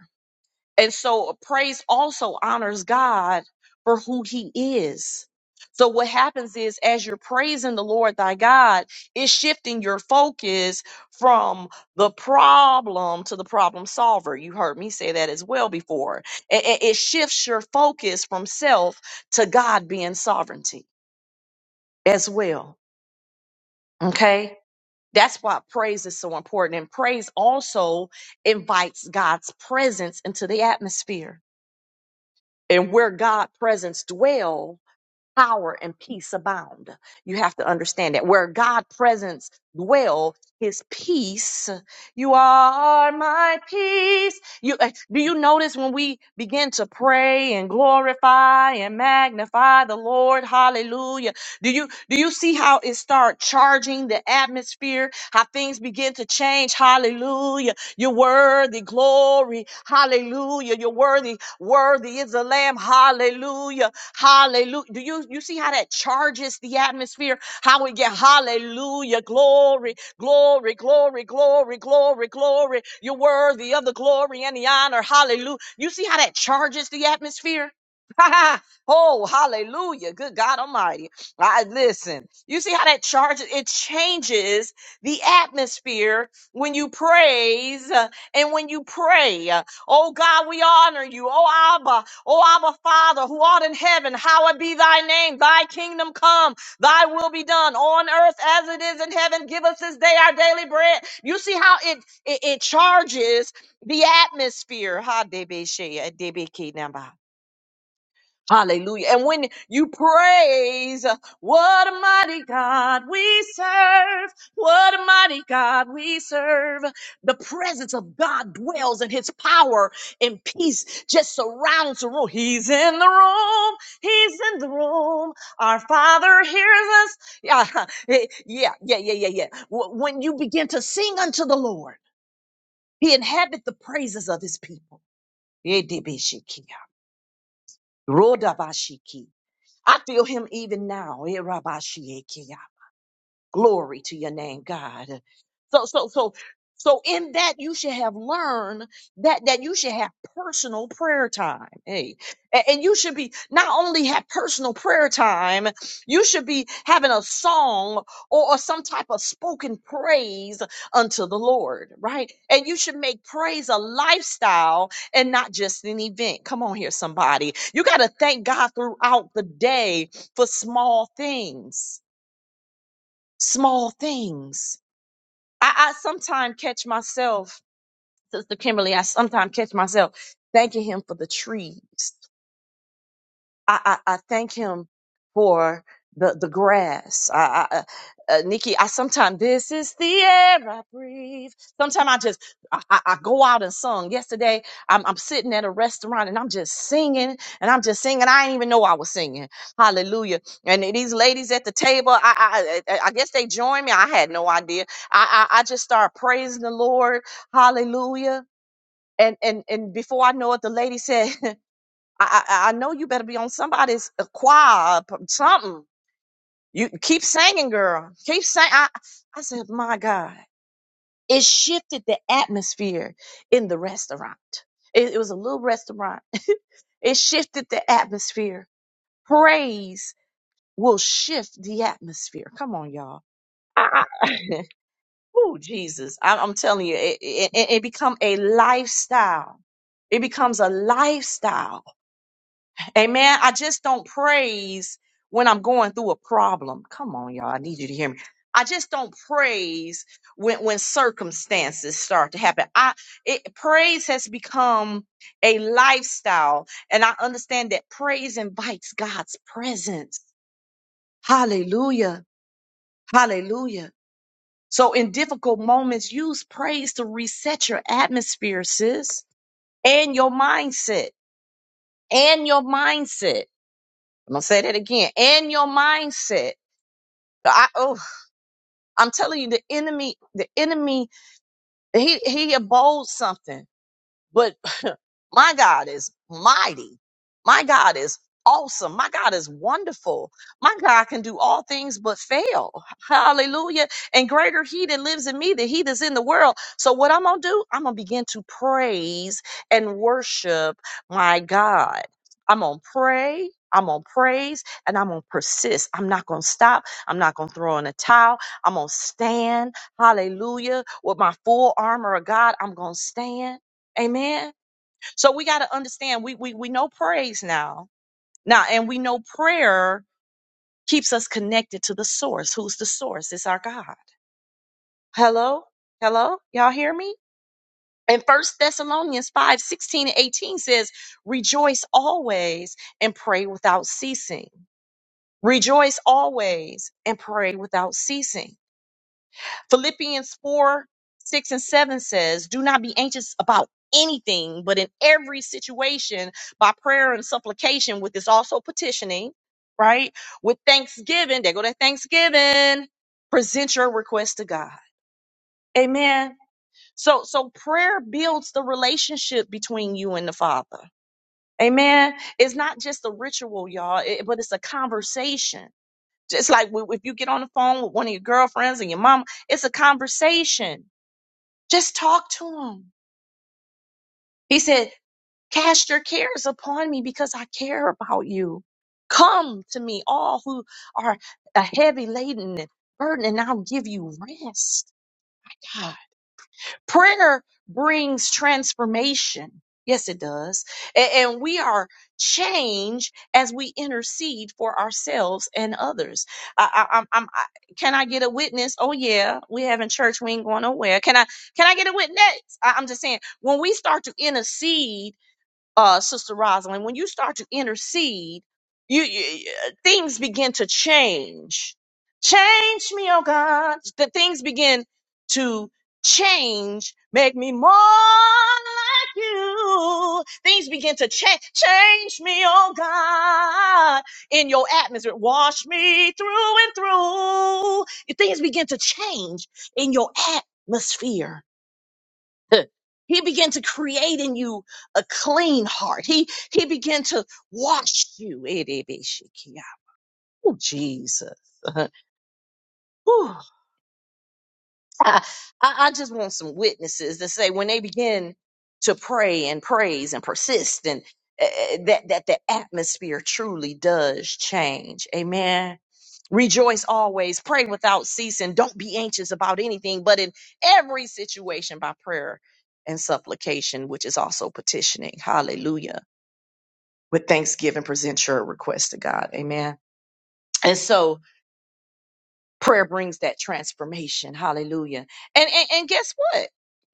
and so praise also honors God for who he is. So what happens is as you're praising the Lord thy God, it's shifting your focus from the problem to the problem solver. You heard me say that as well before. It, it it shifts your focus from self to God being sovereignty as well. Okay? That's why praise is so important. And praise also invites God's presence into the atmosphere. and where God presence dwell power and peace abound. You have to understand that where God presence dwell, his peace, you are my peace. You uh, do you notice when we begin to pray and glorify and magnify the Lord, hallelujah. Do you do you see how it start charging the atmosphere? How things begin to change, hallelujah. You're worthy, glory, hallelujah. You're worthy, worthy is the lamb, hallelujah. Hallelujah. Do you you see how that charges the atmosphere? How we get hallelujah, glory, glory, glory, glory, glory, glory. You're worthy of the glory and the honor. Hallelujah. You see how that charges the atmosphere? [LAUGHS] oh, hallelujah. Good God Almighty. I listen. You see how that charges it changes the atmosphere when you praise uh, and when you pray. Uh, Oh God, we honor you. Oh Abba, O Abba Father, who art in heaven, hallowed be thy name. Thy kingdom come, thy will be done on earth as it is in heaven. Give us this day our daily bread. You see how it it, it charges the atmosphere. Ha, debe she, eh, debe ki namba. Hallelujah. And when you praise, uh, what a mighty God we serve. What a mighty God we serve. The presence of God dwells and his power and peace just surrounds the room. He's in the room. He's in the room. Our Father hears us. Yeah, [LAUGHS] yeah, yeah, yeah, yeah. yeah. Wh- When you begin to sing unto the Lord, he inhabits the praises of his people. Yedebeshikia, rodabashiki. I feel him even now. Eh, Rabbi Shiaki. Glory to your name, God. So, so, so, so in that you should have learned that, that you should have personal prayer time. Hey, A- and you should be not only have personal prayer time, you should be having a song or, or some type of spoken praise unto the Lord, right? And you should make praise a lifestyle and not just an event. Come on here, somebody. You got to thank God throughout the day for small things small things. I, I sometimes catch myself, Sister Kimberly, I sometimes catch myself thanking him for the trees. I, I, I thank him for the, the grass. I, I, I- uh, Nikki, I sometimes, this is the air I breathe. Sometimes I just, I, I, I go out and sung. Yesterday, I'm, I'm sitting at a restaurant and I'm just singing and I'm just singing. I didn't even know I was singing. Hallelujah. And then these ladies at the table, I, I, I I guess they joined me. I had no idea. I, I, I just started praising the Lord. Hallelujah. And, and, and before I know it, the lady said, [LAUGHS] I, I, I know you better be on somebody's uh, choir, p- something. You keep singing, girl. Keep saying. I, I said, my God, it shifted the atmosphere in the restaurant. It, it was a little restaurant. [LAUGHS] it shifted the atmosphere. Praise will shift the atmosphere. Come on, y'all. I, I, [LAUGHS] oh, Jesus. I, I'm telling you, it, it, it it become a lifestyle. It becomes a lifestyle Amen. I just don't praise when I'm going through a problem. Come on, y'all. I need you to hear me. I just don't praise when, when circumstances start to happen. I it, praise has become a lifestyle, and I understand that praise invites God's presence. Hallelujah. Hallelujah. So in difficult moments, use praise to reset your atmosphere, sis, and your mindset. And your mindset. I'm gonna say that again. And your mindset. I oh, I'm telling you, the enemy, the enemy, he he abodes something. But my God is mighty. My God is awesome. My God is wonderful. My God can do all things but fail. Hallelujah. And greater he that lives in me than he that's in the world. So what I'm going to do, I'm going to begin to praise and worship my God. I'm going to pray. I'm going to praise and I'm going to persist. I'm not going to stop. I'm not going to throw in a towel. I'm going to stand. Hallelujah. With my full armor of God, I'm going to stand. Amen. So we got to understand we, we we know praise now. Now and we know prayer keeps us connected to the source. Who's the source? It's our God. Hello? Hello? Y'all hear me? And First Thessalonians 5 16 and 18 says, Rejoice always and pray without ceasing. Rejoice always and pray without ceasing. Philippians 4 6 and 7 says, Do not be anxious about anything, but in every situation, by prayer and supplication, with this also petitioning, right? With thanksgiving, there go that thanksgiving, present your request to God. Amen. So, so prayer builds the relationship between you and the Father. Amen. It's not just a ritual, y'all, it- but it's a conversation. Just like w- if you get on the phone with one of your girlfriends and your mom, it's a conversation just talk to him. He said, Cast your cares upon me because I care about you. Come to me, all who are uh, heavy laden and burdened, and I'll give you rest. God. Prayer brings transformation. Yes, it does. A- And we are changed as we intercede for ourselves and others. I, I, I'm, I'm, I, can I get a witness? Oh yeah, we having church. We ain't going nowhere. Can I? Can I get a witness? I, I'm just saying when we start to intercede uh, Sister Rosalind, when you start to intercede, you, you things begin to change. Change me, oh God. The things begin to change. Make me more like you. Things begin to change. Change me, oh God, in your atmosphere. Wash me through and through. Things begin to change in your atmosphere [LAUGHS] He began to create in you a clean heart. He he began to wash you. Oh Jesus. [LAUGHS] Whew. I, I I just want some witnesses to say when they begin to pray and praise and persist and uh, that that the atmosphere truly does change. Amen. Rejoice always, pray without ceasing, don't be anxious about anything, but in every situation by prayer and supplication, which is also petitioning. Hallelujah. With thanksgiving, present your request to God. Amen. And so prayer brings that transformation. Hallelujah. And and, and guess what?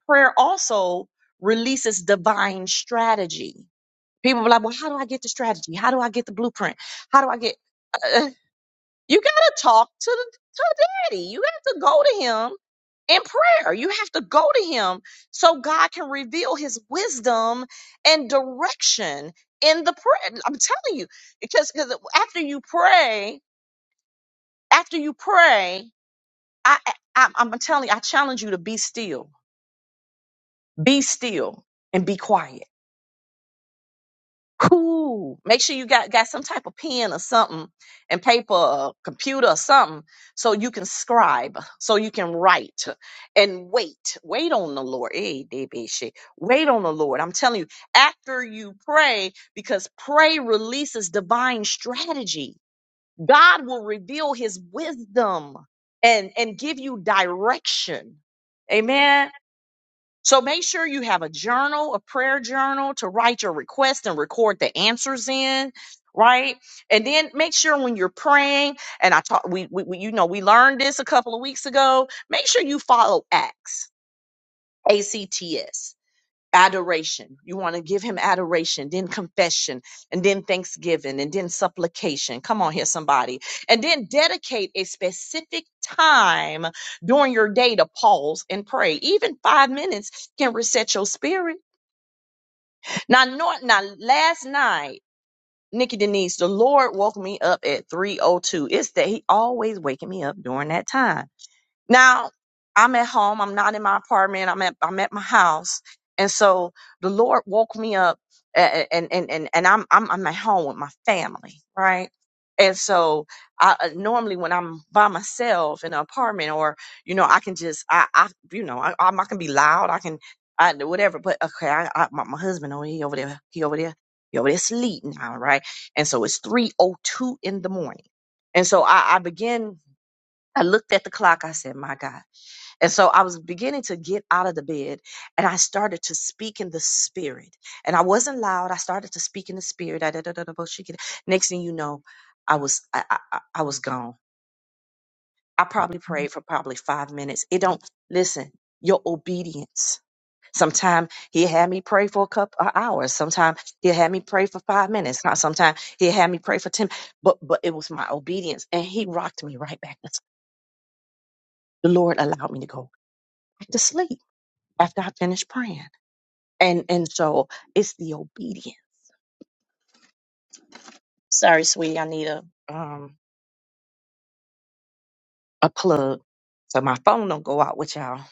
Prayer also releases divine strategy. People be like, well, how do I get the strategy? How do I get the blueprint? How do I get [LAUGHS] You gotta talk to the to daddy. You have to go to him in prayer. You have to go to him so God can reveal his wisdom and direction in the prayer. I'm telling you, because because after you pray, after you pray, I, I I'm telling you, I challenge you to be still, be still, and be quiet Cool. Make sure you got got some type of pen or something and paper or computer or something so you can scribe, so you can write and wait. Wait on the Lord. Hey, baby shit. Wait on the Lord. I'm telling you, after you pray, because pray releases divine strategy. God will reveal his wisdom and and give you direction. Amen. So make sure you have a journal, a prayer journal to write your request and record the answers in, right? And then make sure when you're praying, and I taught we, we, we you know we learned this a couple of weeks ago. Make sure you follow ACTS, ACTS adoration. You want to give him adoration, then confession, and then thanksgiving, and then supplication. Come on here, somebody. And then dedicate a specific time during your day to pause and pray. Even five minutes can reset your spirit. Now, no, now last night, Nikki Denise, the Lord woke me up at 302. It's that he always waking me up during that time. Now I'm at home. I'm not in my apartment. I'm at I'm at my house. And so the Lord woke me up a- a- and and and, and I'm, I'm I'm at home with my family, right? And so I uh, normally when I'm by myself in an apartment or you know I can just I I you know I I'm- I can be loud. I can I do whatever, but okay, I, I my, my husband over he over there, he over there. He over there sleep now, right? And so it's 3:02 in the morning. And so I I begin I looked at the clock. I said, "My God." And so I was beginning to get out of the bed and I started to speak in the spirit. And I wasn't loud. I started to speak in the spirit. I da- da- da- da- bullshit. Next thing you know, I was I, I, I I was gone. I probably prayed for probably five minutes. It don't listen, your obedience. Sometimes he had me pray for a couple of hours. Sometimes he had me pray for five minutes. Sometimes he had me pray for ten. But but it was my obedience, and he rocked me right back. The Lord allowed me to go back to sleep after I finished praying. and and so it's the obedience. Sorry, sweetie, I need a um a plug so my phone don't go out with y'all.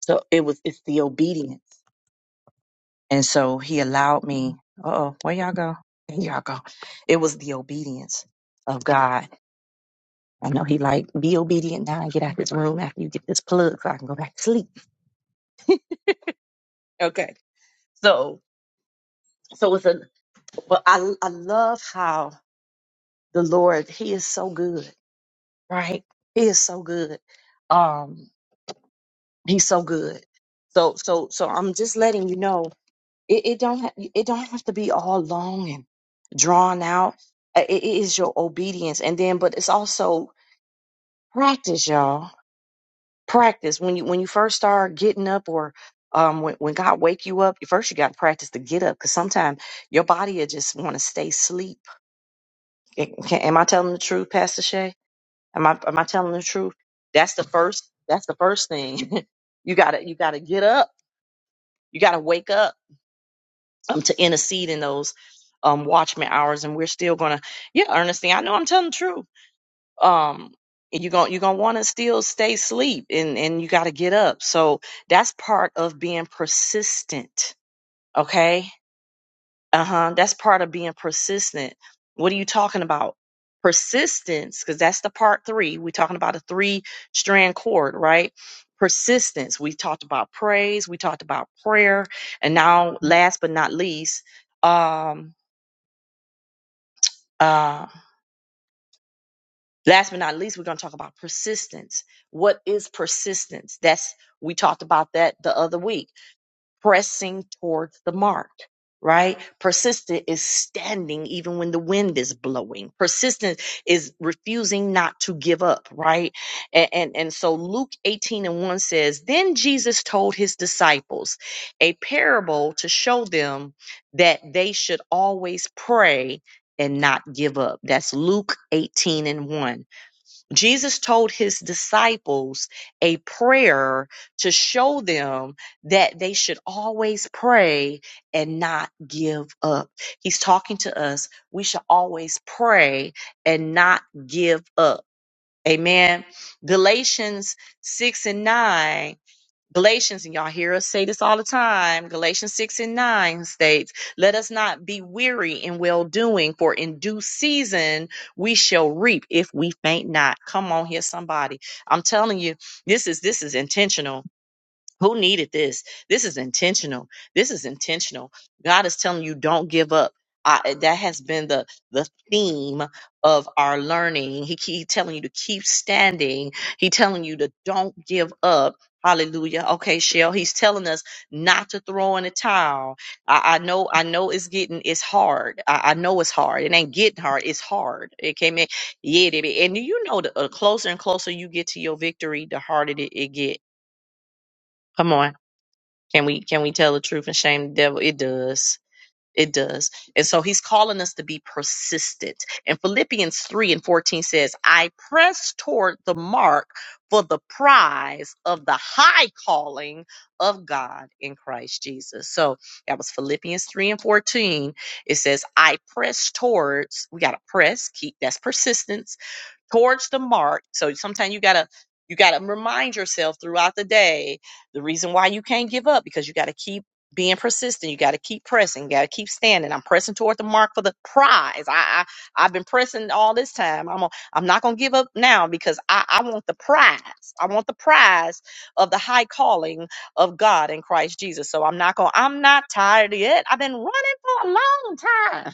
So it was it's the obedience, and so he allowed me. Oh, where y'all go? There y'all go. It was the obedience of God. I know he like be obedient now and get out this room after you get this plug so I can go back to sleep. Okay. So so it's a but I I love how the Lord he is so good, right? He is so good. Um He's so good. So so so I'm just letting you know it, it don't ha- it don't have to be all long and drawn out. Uh, It, it is your obedience, and then but it's also practice, y'all. Practice when you when you first start getting up or. Um, when, when God wake you up, first you got to practice to get up because sometimes your body will just want to stay asleep. Can, can- am I telling the truth, Pastor Shay? Am I am I telling the truth? That's the first. That's the first thing. [LAUGHS] you gotta you gotta get up. You gotta wake up um, to intercede in those um, watchman hours, and we're still gonna, yeah, Ernestine, I know I'm telling the truth. Um, and you're gonna you're gonna want to still stay asleep, and and you got to get up. So that's part of being persistent. Okay, uh-huh that's part of being persistent what are you talking about persistence because that's the part three we're talking about a three strand cord right persistence we talked about praise we talked about prayer and now last but not least um uh last but not least we're going to talk about persistence what is persistence that's we talked about that the other week pressing towards the mark, right? Persistent is standing even when the wind is blowing. Persistent is refusing not to give up, right? And, and, and so Luke 18 and 1 says, Then Jesus told his disciples a parable to show them that they should always pray and not give up. That's Luke 18 and 1. Jesus told his disciples a prayer to show them that they should always pray and not give up. He's talking to us. We should always pray and not give up. Amen. Galatians 6 and 9 Galatians, and y'all hear us say this all the time, Galatians 6 and 9 states, Let us not be weary in well doing, for in due season we shall reap if we faint not. Come on here, somebody. I'm telling you, this is this is intentional who needed this? This is intentional. This is intentional. God is telling you, don't give up. I, eh, that has been the the theme of our learning. He keep telling you to keep standing. He telling you to don't give up. Hallelujah. Okay, Shell. He's telling us not to throw in the towel. I, I know. I know it's getting. It's hard. I, I know it's hard. It ain't getting hard. It's hard. It came in. Yeah, baby. And you know, the uh, closer and closer you get to your victory, the harder it, it get. Come on. Can we can we tell the truth and shame the devil? It does. It does. And so he's calling us to be persistent. And Philippians 3 and 14 says, I press toward the mark for the prize of the high calling of God in Christ Jesus. So that was Philippians 3 and 14. It says, I press towards, we got to press, keep that's persistence towards the mark. So sometimes you gotta you gotta remind yourself throughout the day the reason why you can't give up because you gotta keep being persistent. You gotta keep pressing. You gotta keep standing. I'm pressing toward the mark for the prize. I, I I've been pressing all this time. I'm i I'm not gonna give up now because I I want the prize. I want the prize of the high calling of God in Christ Jesus. So I'm not gonna I'm not tired yet. I've been running for a long time.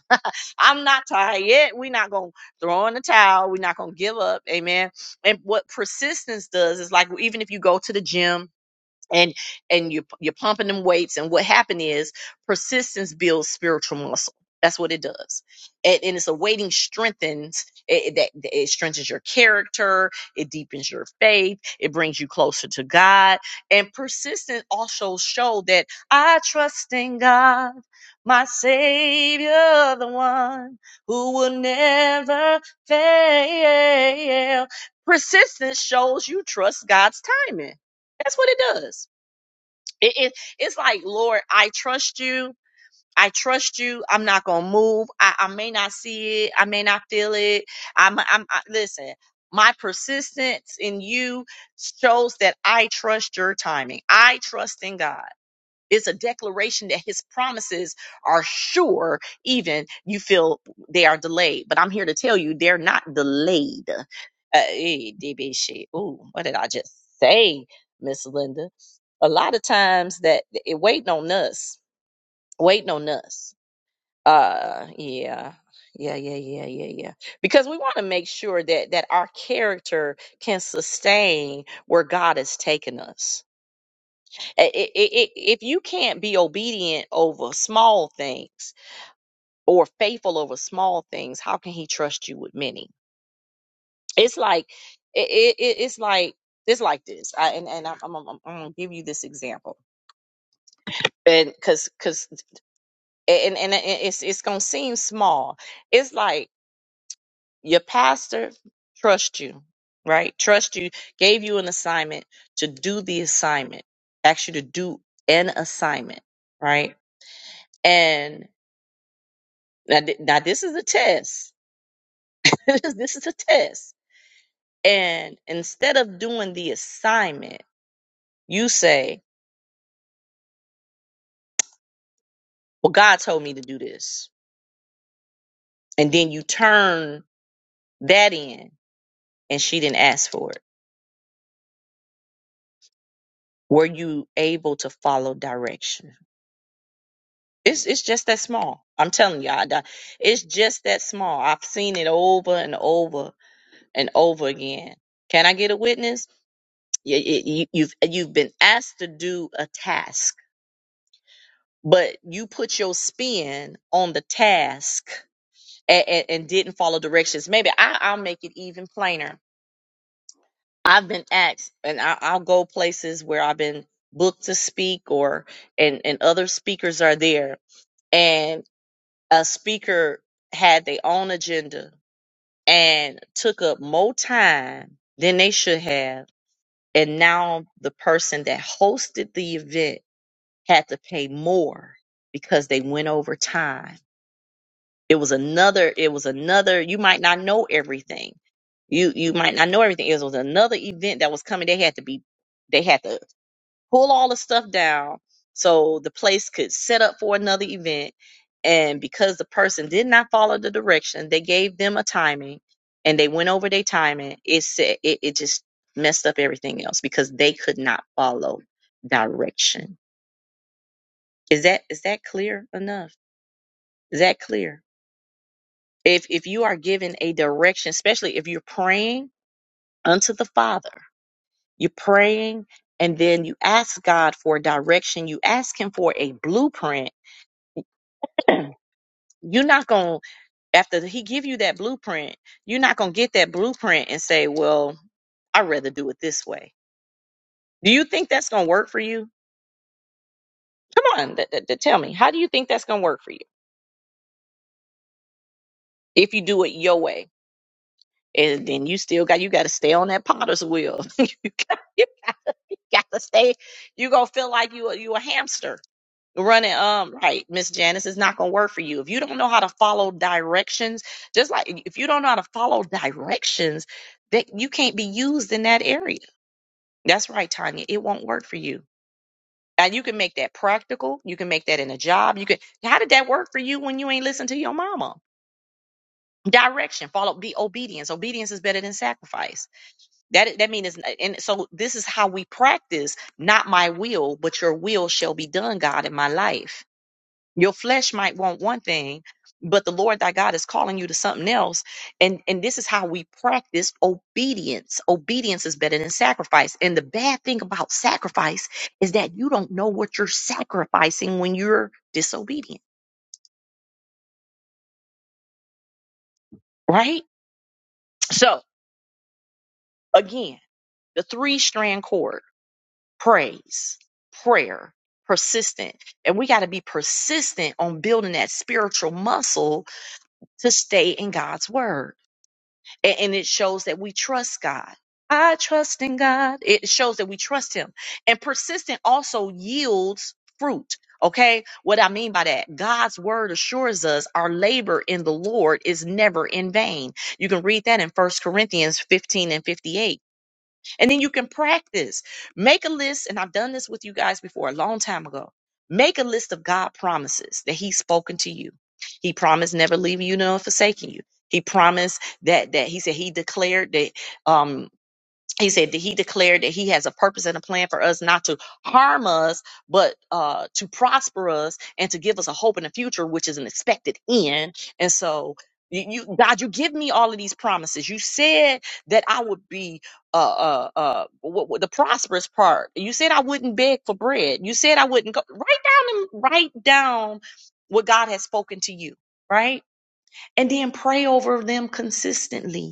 I'm not tired yet. We're not going to throw in the towel. We're not going to give up. Amen. And what persistence does is like, even if you go to the gym, and and you you're pumping them weights and what happened is persistence builds spiritual muscle that's what it does and, and it's a waiting strengthens it, it- that it strengthens your character it deepens your faith it brings you closer to god and persistence also show that i trust in god my savior the one who will never fail persistence shows you trust god's timing that's what it does it, it it's like, Lord, I trust you. I trust you. I'm not gonna move. I, I may not see it. I may not feel it. I'm. I'm. I, listen. My persistence in you shows that I trust your timing. I trust in God. It's a declaration that his promises are sure, even you feel they are delayed. But I'm here to tell you they're not delayed. Uh, eh, DB shit. Ooh, what did I just say, Miss Linda? A lot of times that it waiting on us, waiting on us. Uh, yeah. Yeah, yeah, yeah, yeah, yeah. Because we want to make sure that that our character can sustain where God has taken us I- i- i- i- if you can't be obedient over small things or faithful over small things, how can he trust you with many? It's like it, it, it's like it's like this. I, and and I'm, I'm, I'm, I'm gonna give you this example, and because because and, and and it's it's gonna seem small. It's like your pastor trust you, right? Trust you, gave you an assignment to do the assignment, asked you to do an assignment, right? And Now, th- now this is a test. [LAUGHS] this is a test. And instead of doing the assignment, you say, Well, God told me to do this. And then you turn that in and she didn't ask for it. Were you able to follow direction? It's, it's just that small. I'm telling you, I, I- it's just that small. I've seen it over and over and over again. Can I get a witness? You, you, you've, you've been asked to do a task but you put your spin on the task and, and, didn't follow directions. Maybe I, I'll make it even plainer. I've been asked, and I, I'll go places where I've been booked to speak, or and and other speakers are there, and a speaker had their own agenda and took up more time than they should have, and now the person that hosted the event had to pay more because they went over time it was another it was another you might not know everything you you might not know everything it was another event that was coming they had to be they had to pull all the stuff down so the place could set up for another event and because the person did not follow the direction they gave them a timing and they went over their timing it said it, it just messed up everything else because they could not follow direction is that is that clear enough is that clear if if you are given a direction especially if you're praying unto the father you're praying and then you ask god for direction you ask him for a blueprint [CLEARS THROAT] you're not going to after he give you that blueprint you're not going to get that blueprint and say well i'd rather do it this way do you think that's going to work for you come on th- th- th- tell me how do you think that's going to work for you if you do it your way and then you still got you got to stay on that potter's wheel [LAUGHS] you got, gotta stay. You gonna feel like you a- you a hamster running. Um, right, Miss Janice is not gonna work for you if you don't know how to follow directions. Just like if you don't know how to follow directions, that you can't be used in that area. That's right, Tanya. It won't work for you. And you can make that practical. You can make that in a job. You can. How did that work for you when you ain't listen to your mama? Direction, follow, be obedience. Obedience is better than sacrifice That that means and so this is how we practice not my will, but your will shall be done, God, in my life. Your flesh might want one thing, but the Lord thy God is calling you to something else. And and this is how we practice obedience. Obedience is better than sacrifice. And the bad thing about sacrifice is that you don't know what you're sacrificing when you're disobedient, right? So again, the three strand cord. praise, prayer, persistent. And we got to be persistent on building that spiritual muscle to stay in God's word. And, and it shows that we trust God. I trust in God. It shows that we trust Him. And persistent also yields fruit. Okay. What I mean by that, God's word assures us our labor in the Lord is never in vain. You can read that in First Corinthians 15 and 58 and then you can practice. Make a list, and I've done this with you guys before a long time ago. Make a list of God promises that He's spoken to you. He promised never leaving you nor forsaking you. He promised that that He said He declared that. Um, he said that he declared that he has a purpose and a plan for us not to harm us but uh to prosper us and to give us a hope in the future which is an expected end and so you, you god you give me all of these promises you said that i would be uh uh uh what, what, the prosperous part you said i wouldn't beg for bread you said i wouldn't go write down and write down what god has spoken to you right and then pray over them consistently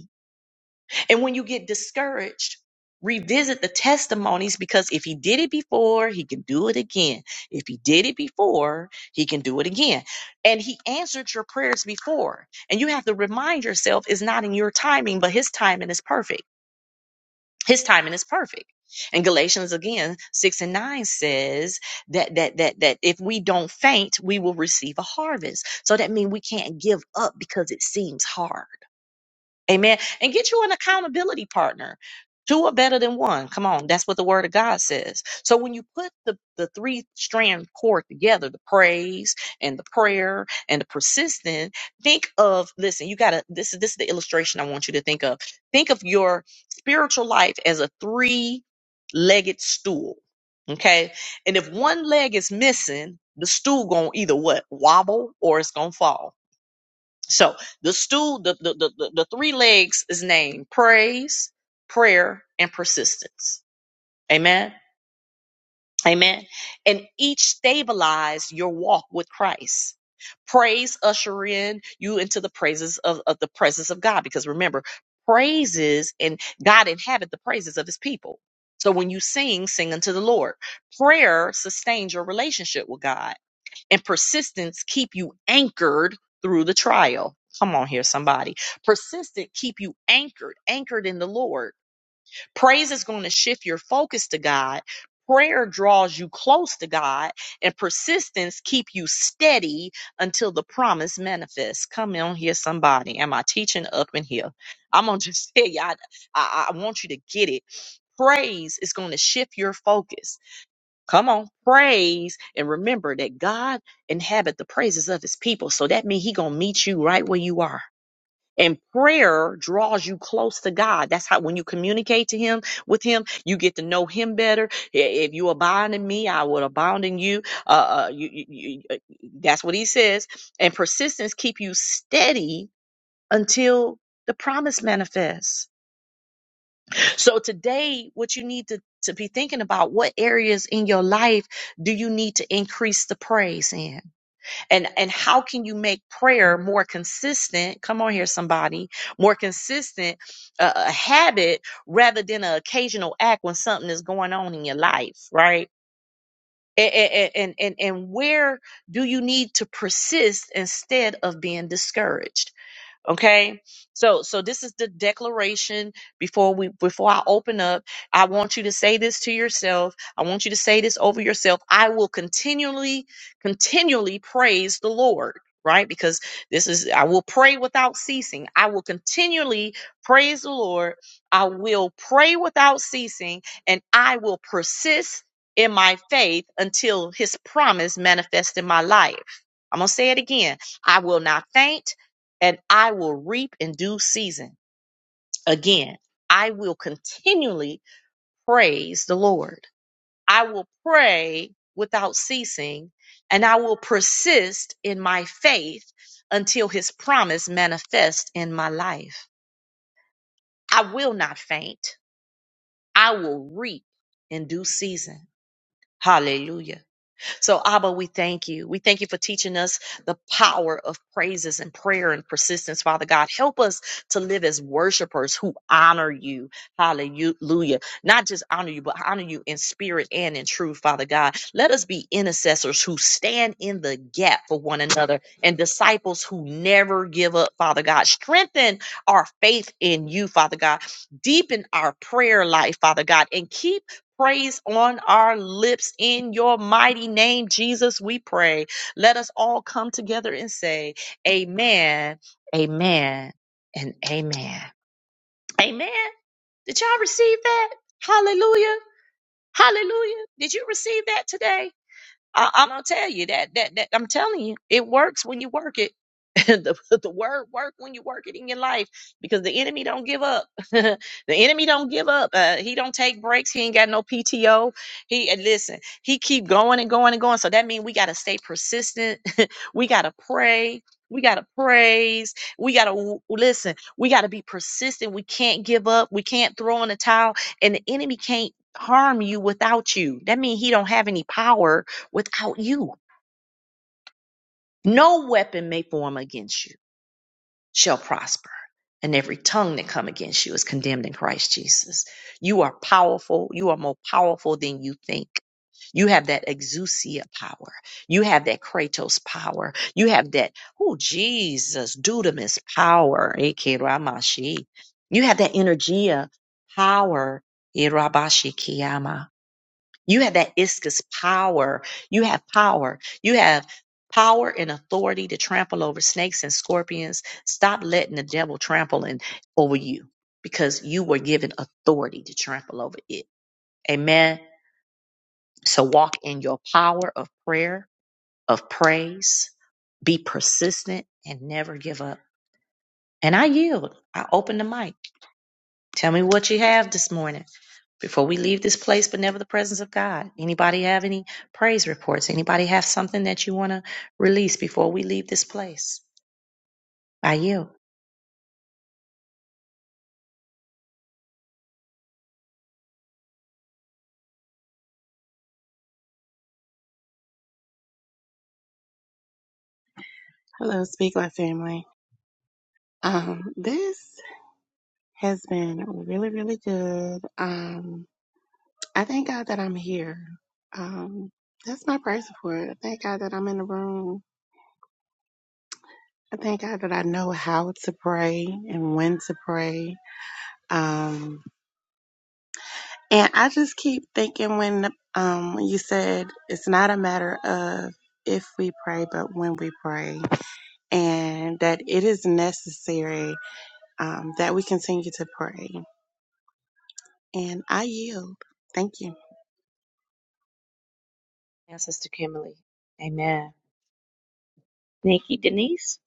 and when you get discouraged, revisit the testimonies because if he did it before, he can do it again. If he did it before, he can do it again. And he answered your prayers before. And you have to remind yourself it's not in your timing, but his timing is perfect. His timing is perfect. And Galatians again, six and nine says that that that that if we don't faint, we will receive a harvest. So that means we can't give up because it seems hard Amen. And get you an accountability partner. Two are better than one. Come on. That's what the word of God says. So when you put the, the three strand cord together, the praise and the prayer and the persistent, think of, listen, you gotta, this is, this is the illustration I want you to think of. Think of your spiritual life as a three legged stool. Okay. And if one leg is missing, the stool gonna either what wobble or it's gonna fall. So the stool, the, the, the, the, the three legs is named praise, prayer, and persistence. Amen. Amen. And each stabilize your walk with Christ. Praise usher in you into the praises of, of the presence of God. Because remember, praises and God inhabit the praises of his people. So when you sing, sing unto the Lord. Prayer sustains your relationship with God and persistence keep you anchored through the trial. Come on here, somebody. Persistent keep you anchored, anchored in the Lord. Praise is going to shift your focus to God. Prayer draws you close to God, and persistence keep you steady until the promise manifests. Come on here, somebody. Am I teaching up in here? I'm gonna [LAUGHS] just tell you, I, I, I want you to get it. Praise is going to shift your focus Come on, praise and remember that God inhabit the praises of his people. So that means he gonna meet you right where you are. And prayer draws you close to God. That's how when you communicate to him with him, you get to know him better. If you abide in me, I will abound in you. Uh, uh you, you, you uh, that's what he says. And persistence keep you steady until the promise manifests. So today, what you need to, to be thinking about, what areas in your life do you need to increase the praise in? And and how can you make prayer more consistent? Come on here, somebody, more consistent, uh, a habit rather than an occasional act when something is going on in your life, right? And, and, and, and where do you need to persist instead of being discouraged? Okay. So so this is the declaration before we before I open up. I want you to say this to yourself. I want you to say this over yourself. I will continually continually praise the Lord, right? Because this is I will pray without ceasing. I will continually praise the Lord. I will pray without ceasing and I will persist in my faith until his promise manifests in my life. I'm going to say it again. I will not faint and I will reap in due season. Again, I will continually praise the Lord. I will pray without ceasing, and I will persist in my faith until his promise manifests in my life. I will not faint. I will reap in due season. Hallelujah. So, Abba, we thank you. We thank you for teaching us the power of praises and prayer and persistence, Father God. Help us to live as worshipers who honor you. Hallelujah. Not just honor you, but honor you in spirit and in truth, Father God. Let us be intercessors who stand in the gap for one another and disciples who never give up, Father God. Strengthen our faith in you, Father God. Deepen our prayer life, Father God, and keep praise on our lips. In your mighty name, Jesus, we pray. Let us all come together and say, Amen, Amen, and Amen. Amen. Did y'all receive that? Hallelujah. Hallelujah. Did you receive that today? I, I'm gonna tell you that that that I'm telling you, it works when you work it. [LAUGHS] the, the word work when you work it in your life because the enemy don't give up [LAUGHS] the enemy don't give up uh, he don't take breaks he ain't got no pto he and listen he keep going and going and going so that means we got to stay persistent [LAUGHS] we got to pray we got to praise we got to listen we got to be persistent we can't give up we can't throw in the towel and the enemy can't harm you without you that means he don't have any power without you. No weapon may form against you shall prosper, and every tongue that come against you is condemned in Christ Jesus. You are powerful. You are more powerful than you think. You have that exousia power. You have that kratos power. You have that, oh, Jesus, dudamis power. Eke ramashi. You have that energia power. Irabashi kiyama. You have that iscus power. You have power. You have power and authority to trample over snakes and scorpions. Stop letting the devil trample in, over you because you were given authority to trample over it. Amen. So walk in your power of prayer, of praise. Be persistent and never give up. And I yield. I open the mic. Tell me what you have this morning. before we leave this place, but never the presence of God. Anybody have any praise reports? Anybody have something that you want to release before we leave this place? I you. Hello, Speak Life family. Um, this has been really, really good. Um, I thank God that I'm here. Um, that's my praise for it. I thank God that I'm in the room. I thank God that I know how to pray and when to pray. Um, and I just keep thinking when um when you said it's not a matter of if we pray, but when we pray, and that it is necessary um, that we continue to pray. And I yield. Thank you. And Sister Kimberly. Amen. Nikki Denise.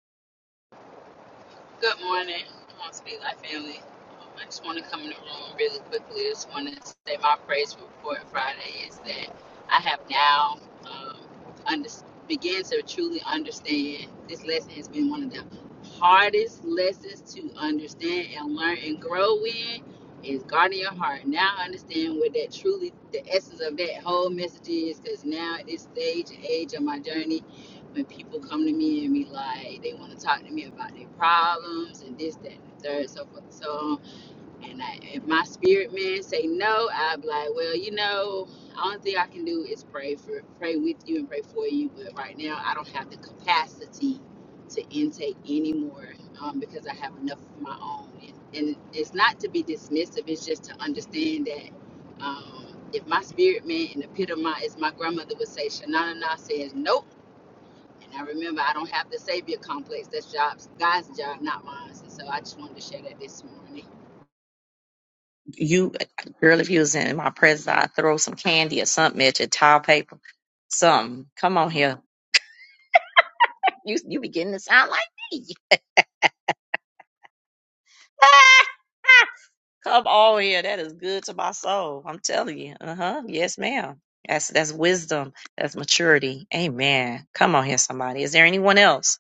Good morning. I'm on Speak Life Family. Um, I just want to come in the room really quickly. I just want to say my praise report Friday is that I have now um, under, began to truly understand this lesson has been one of the hardest lessons to understand and learn and grow in is guarding your heart. Now I understand what that truly, the essence of that whole message is because now at this stage and age of my journey, when people come to me and be like, they want to talk to me about their problems and this, that, and the third, so forth and so on. And I, if my spirit man say no, I'd be like, well, you know, the only thing I can do is pray for, pray with you and pray for you. But right now, I don't have the capacity to intake anymore um, because I have enough of my own. And, and it's not to be dismissive; it's just to understand that. Um, if my spirit man in the pit of my, as my grandmother would say, Shanana says, nope and I remember I don't have the savior complex. That's jobs, God's job, not mine. And so I just wanted to share that this morning. You girl, if you was in my presence, I'd throw some candy or something at your towel paper. Something. Come on here. You you beginning to sound like me. [LAUGHS] Come on here. That is good to my soul. I'm telling you. Uh-huh. Yes, ma'am. That's that's wisdom. That's maturity. Amen. Come on here, somebody. Is there anyone else?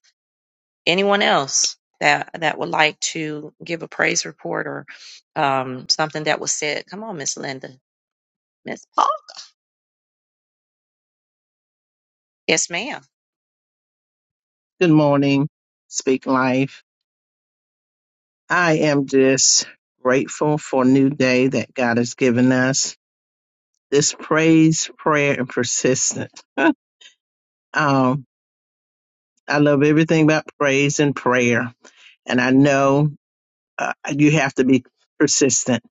Anyone else that that would like to give a praise report or um something that was said? Come on, Miss Linda. Miss Paul. Yes, ma'am. Good morning, Speak Life. I am just grateful for a new day that God has given us. This praise, prayer, and persistence. [LAUGHS] um, I love everything about praise and prayer. And I know uh, you have to be persistent.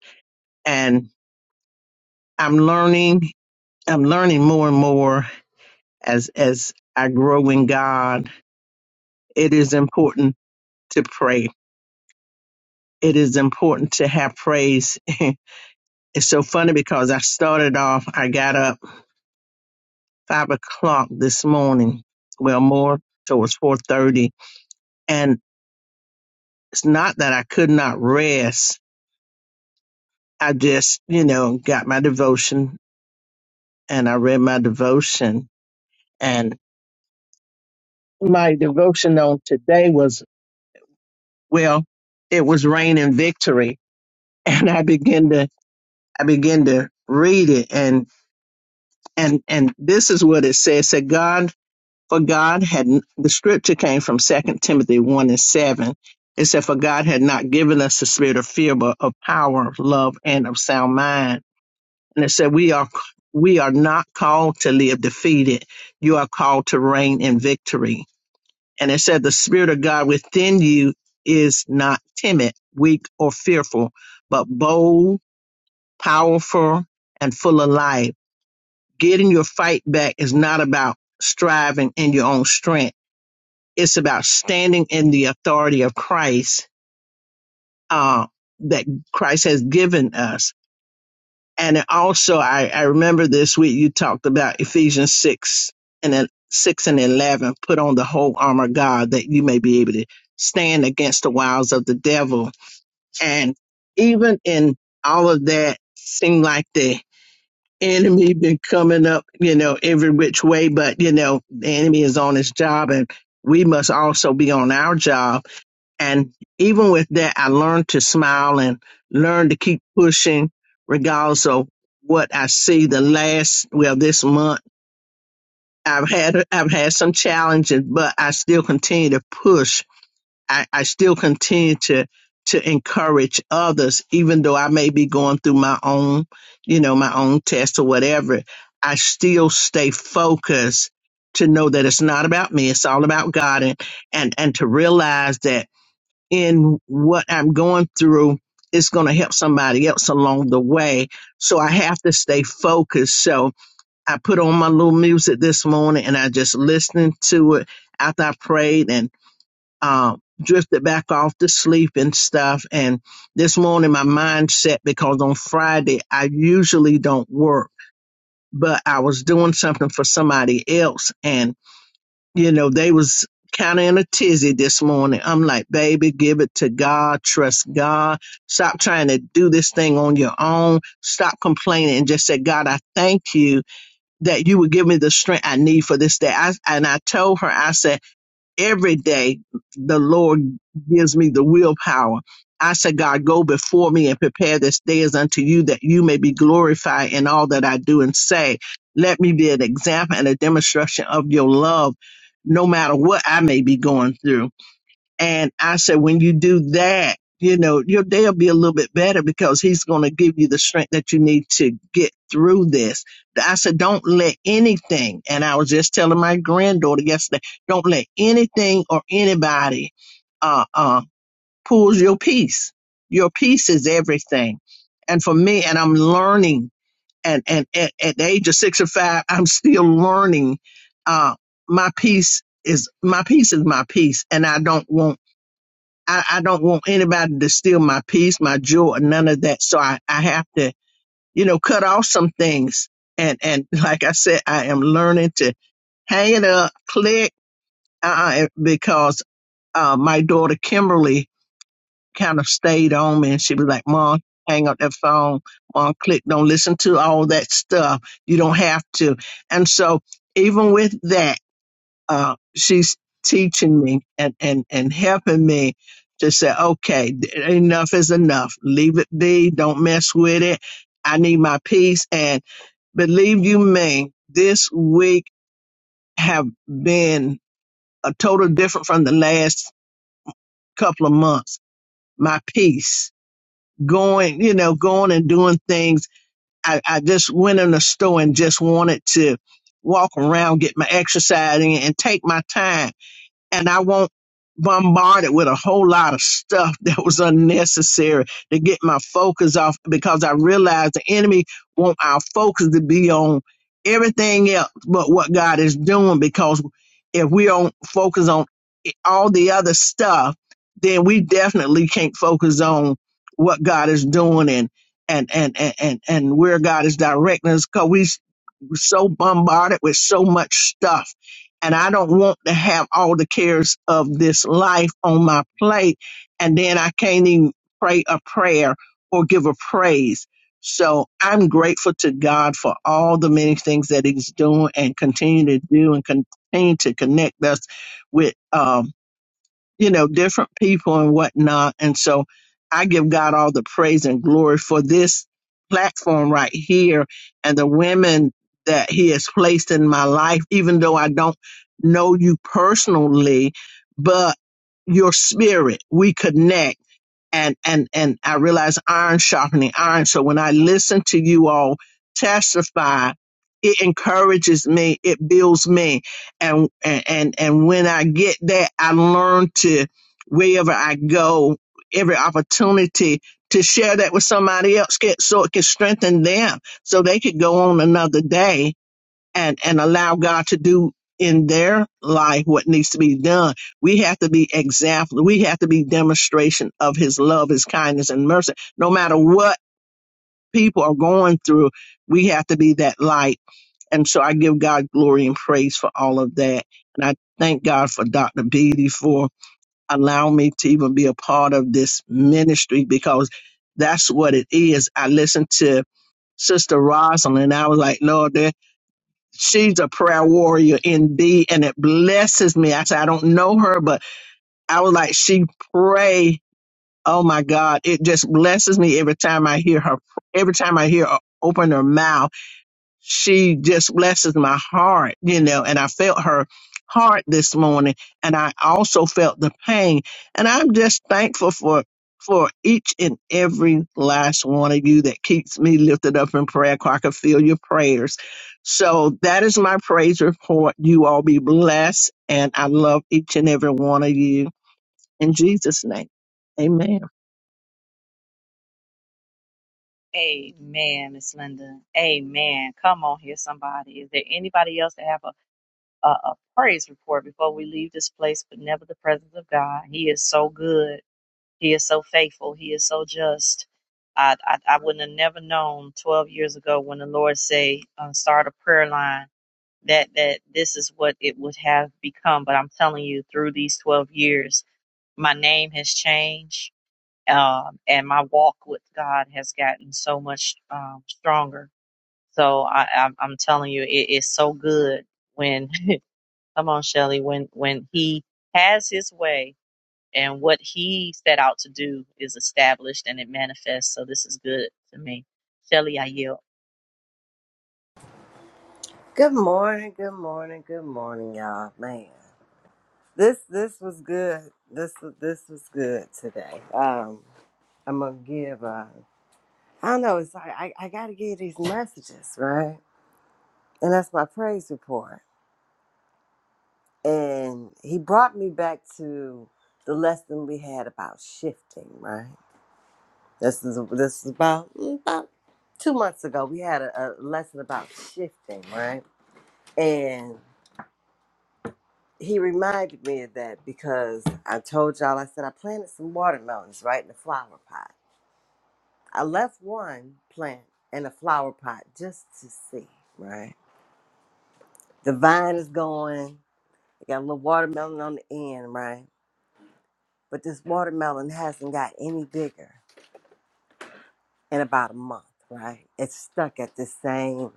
And I'm learning, I'm learning more and more as, as I grow in God. It is important to pray. It is important to have praise [LAUGHS] it's so funny because I started off, I got up five o'clock this morning, well, more towards 4.30. And it's not that I could not rest. I just, you know, got my devotion and I read my devotion and my devotion on today was, well, it was rain and victory. [LAUGHS] And I began to, I began to read it and, and, and this is what it says. It said, God For God had, the scripture came from Second Timothy 1 and 7. It said, For God had not given us the spirit of fear, but of power, of love, and of sound mind. And it said, We are, we are not called to live defeated. You are called to reign in victory. And it said, The spirit of God within you is not timid, weak, or fearful, but bold, powerful, and full of life. Getting your fight back is not about striving in your own strength it's about standing in the authority of Christ uh, that Christ has given us. And also, I, I remember this week you talked about Ephesians 6 and then 6 and 11, put on the whole armor of God that you may be able to stand against the wiles of the devil. And even in all of that, seemed like the enemy been coming up, you know, every which way, but you know, the enemy is on his job and we must also be on our job And even with that, I learned to smile and learn to keep pushing regardless of what I see. The last, well, this month, I've had, I've had some challenges, but I still continue to push. I, I still continue to, to encourage others, even though I may be going through my own, you know, my own test or whatever. I still stay focused to know that it's not about me. It's all about God and, and, and to realize that in what I'm going through is going to help somebody else along the way. So I have to stay focused. So I put on my little music this morning and I just listened to it after I prayed and uh, drifted back off to sleep and stuff. And this morning my mind set because on Friday I usually don't work, but I was doing something for somebody else. And you know, they was kind of in a tizzy this morning. I'm like, baby, give it to God. Trust God. Stop trying to do this thing on your own. Stop complaining and just say, God, I thank you that you would give me the strength I need for this day. I, and I told her, I said every day the Lord gives me the willpower. I said, God, go before me and prepare this day as unto you that you may be glorified in all that I do and say. Let me be an example and a demonstration of your love, no matter what I may be going through. And I said, when you do that, you know, your day will be a little bit better because he's going to give you the strength that you need to get through this. I said, don't let anything, and I was just telling my granddaughter yesterday, don't let anything or anybody uh, uh, pulls your peace. Your peace is everything. And for me, and I'm learning, and, and at, at the age of 65, [LAUGHS] I'm still learning. Uh, my peace is my peace is my peace, and I don't want I, I don't want anybody to steal my peace, my joy, none of that. So I, I have to, you know, cut off some things. And and [LAUGHS] like I said, I am learning to hang it up, click, uh, because uh, my daughter Kimberly kind of stayed on me, and she was like, "Mom, hang up that phone. Mom, click. Don't listen to all that stuff. You don't have to." And so even with that uh, she's teaching me and, and, and helping me to say, okay, enough is enough. Leave it be. Don't mess with it. I need my peace. And believe you me, this week have been a total different from the last couple of months. My peace going, you know, going and doing things. I, I just went in the store and just wanted to walk around, get my exercise in and take my time and I won't bombard it with a whole lot of stuff [LAUGHS] that was unnecessary to get my focus off because I realized the enemy want our focus to be on everything else but what God is doing because if we don't focus on i- all the other stuff, then we definitely can't focus on what God is doing and and and and and, and where God is directing us because we so bombarded with so much stuff. And I don't want to have all the cares of this life on my plate. And then I can't even pray a prayer or give a praise. So I'm grateful to God for all the many things that He's doing and continue to do and continue to connect us with. um, you know, different people and whatnot. And so I give God all the praise and glory for this platform right here and the women that He has placed in my life, even though I don't know you personally, but your spirit, we connect and and and I realize iron sharpening iron. So when I listen to you all testify, it encourages me, it builds me, and and and and when I get that, I learn to wherever I go, every opportunity to share that with somebody else, get so it can strengthen them, so they could go on another day and and allow God to do in their life what needs to be done. We have to be example. We have to be demonstration of His love, His kindness, and mercy. No matter what people are going through, we have to be that light. And so I give God glory and praise for all of that. And I thank God for Dr. Beatty for allowing me to even be a part of this ministry because that's what it is. I listened to Sister Rosalind. and I was like, Lord, there, she's a prayer warrior indeed and it blesses me i said i don't know her but i was like she pray oh my god it just blesses me every time i hear her every time i hear her open her mouth she just blesses my heart, you know, and I felt her heart this morning and I also felt the pain. And I'm just thankful for for each and every last one of you that keeps me lifted up in prayer. so I can feel your prayers. So that is my praise report. You all be blessed and I love each and every one of you in Jesus' name. Amen. Amen, Miss Linda. Amen. Come on here, somebody. Is there anybody else that have a, a, a praise report before we leave this place, but never the presence of God? He is so good. He is so faithful. He is so just. I, I, I wouldn't have never known 12 years ago when the Lord say, um, start a prayer line that, that this is what it would have become. But I'm telling you through these 12 years, my name has changed. Um, and my walk with God has gotten so much, um, stronger. So I, I'm, I'm telling you, it is so good when, [LAUGHS] come on, Shelly, when, when he has his way and what he set out to do is established and it manifests. So this is good to me. Shelley, I yield. Good morning, good morning, good morning, y'all. Man, this this was good. This this was good today. Um, I'm gonna give. Uh, I don't know. It's like I, I gotta give these messages right, and that's my praise report. And he brought me back to the lesson we had about shifting. Right. This is this is about mm, about two months ago. We had a, a lesson about shifting. Right. he reminded me of that because I told y'all, I said I planted some watermelons right in the flower pot. I left one plant in a flower pot just to see, right? The vine is going, it got a little watermelon on the end, right? But this watermelon hasn't got any bigger in about a month, right? It's stuck at the same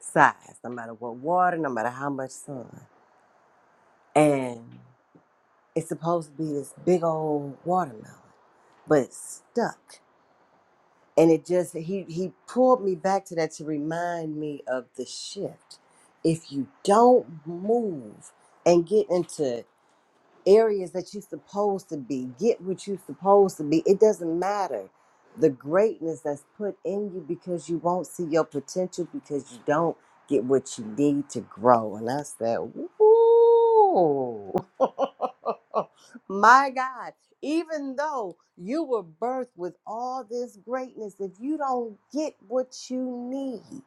size, no matter what water, no matter how much sun. And it's supposed to be this big old watermelon, but it's stuck and it just he he pulled me back to that to remind me of the shift if you don't move and get into areas that you're supposed to be. Get what you're supposed to be. It doesn't matter the greatness that's put in you because you won't see your potential because you don't get what you need to grow. And I said, Ooh, [LAUGHS] my God, even though you were birthed with all this greatness, if you don't get what you need,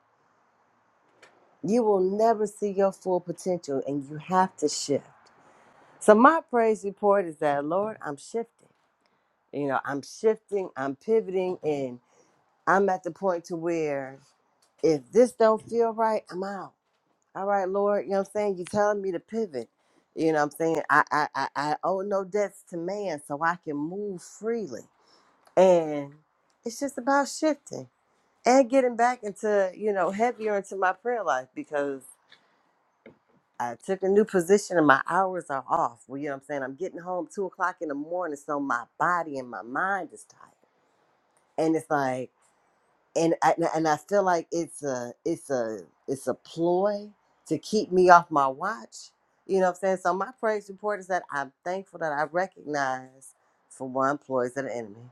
you will never see your full potential and you have to shift. So my praise report is that Lord, I'm shifting. You know, I'm shifting, I'm pivoting, and I'm at the point to where if this don't feel right, I'm out. All right, Lord, you know what I'm saying? You're telling me to pivot. You know what I'm saying? I I I, I owe no debts to man, so I can move freely. And it's just about shifting and getting back into, you know, heavier into my prayer life because I took a new position and my hours are off. Well, you know what I'm saying? I'm getting home two o'clock in the morning, so my body and my mind is tired. And it's like, and I, and I feel like it's a it's a it's a ploy to keep me off my watch. You know what I'm saying? So my praise report is that I'm thankful that I recognize, for one, ploys of the enemy.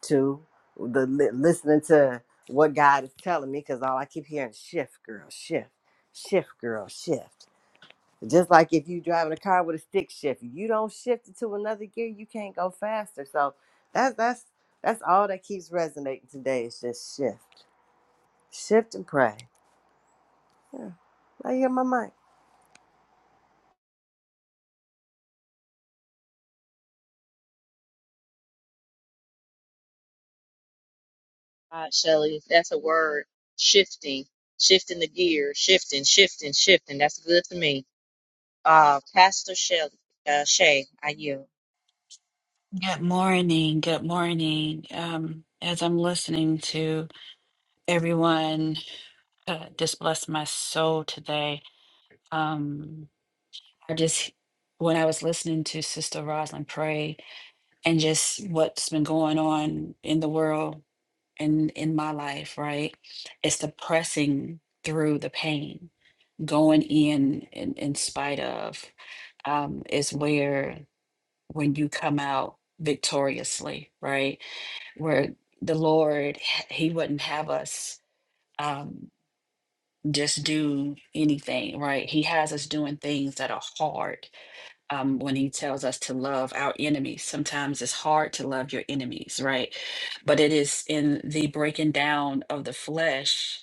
Two, the li- listening to what God is telling me because all I keep hearing is shift, girl, shift, shift, girl, shift. Just like if you driving a car with a stick shift, if you don't shift it to another gear, you can't go faster. So that's that's that's all that keeps resonating today is just shift. Shift and pray. I hear my mic. God, Shelly, that's a word. Shifting, shifting the gear, shifting, shifting, shifting. That's good to me. Uh, Pastor Shelley uh, Shay, I yield. Good morning. Good morning. Um, as I'm listening to everyone, uh, just bless my soul today. Um, I just, when I was listening to Sister Rosalind pray and just what's been going on in the world and in my life, right? It's the pressing through the pain, going in in, in spite of, um, is where when you come out victoriously, right? where the Lord, He wouldn't have us um, just do anything, right? He has us doing things that are hard um, when He tells us to love our enemies. Sometimes it's hard to love your enemies, right? But it is in the breaking down of the flesh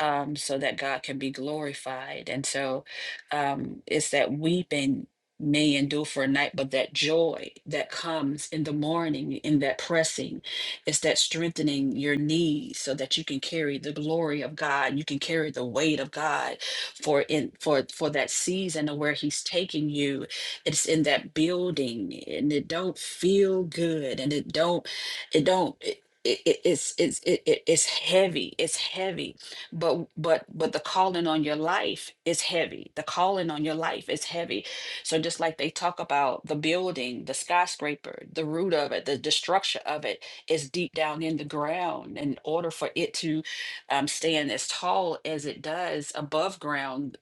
um, so that God can be glorified. And so um, it's that weeping may endure for a night, but that joy that comes in the morning, in that pressing, it's that strengthening your knees so that you can carry the glory of God. You can carry the weight of God for in for for that season of where He's taking you. It's in that building, and it don't feel good, and it don't, it don't. It, it, it- it's it's it, it, it's heavy. It's heavy but but but the calling on your life is heavy the calling on your life is heavy so just like they talk about the building the skyscraper the root of it the, the structure of it is deep down in the ground in order for it to um, stand as tall as it does above ground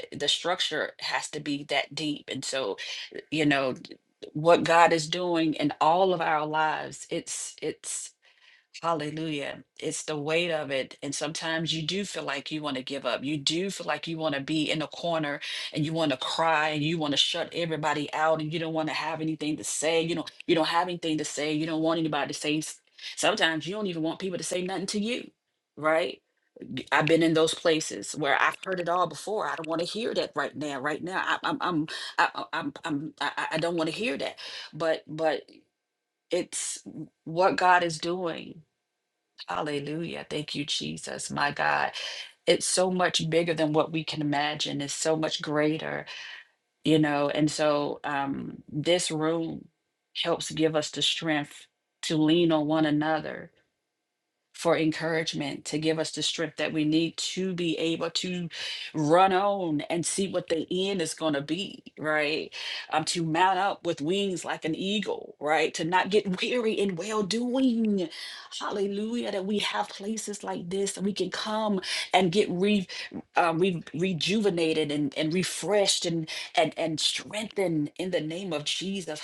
eh, the structure has to be that deep and so you know what god is doing in all of our lives it's it's Hallelujah. It's the weight of it. And sometimes you do feel like you want to give up. You do feel like you want to be in a corner and you want to cry and you want to shut everybody out and you don't want to have anything to say. You don't you don't have anything to say. You don't want anybody to say s- sometimes you don't even want people to say nothing to you. Right? B- I've been in those places where I've heard it all before. I don't want to hear that right now. Right now, I, I'm, I'm, I, I- I'm, I'm, I, I I don't want to hear that. But, but it's what God is doing. Hallelujah. Thank you, Jesus. My God. It's so much bigger than what we can imagine. It's so much greater, you know. And so um, this room helps give us the strength to lean on one another for encouragement, to give us the strength that we need to be able to run on and see what the end is going to be, right? Um, to mount up with wings like an eagle, right? To not get [LAUGHS] weary in well doing. Hallelujah. That we have places like this that we can come and get re, um, re- rejuvenated and, and refreshed and, and, and strengthened in the name of Jesus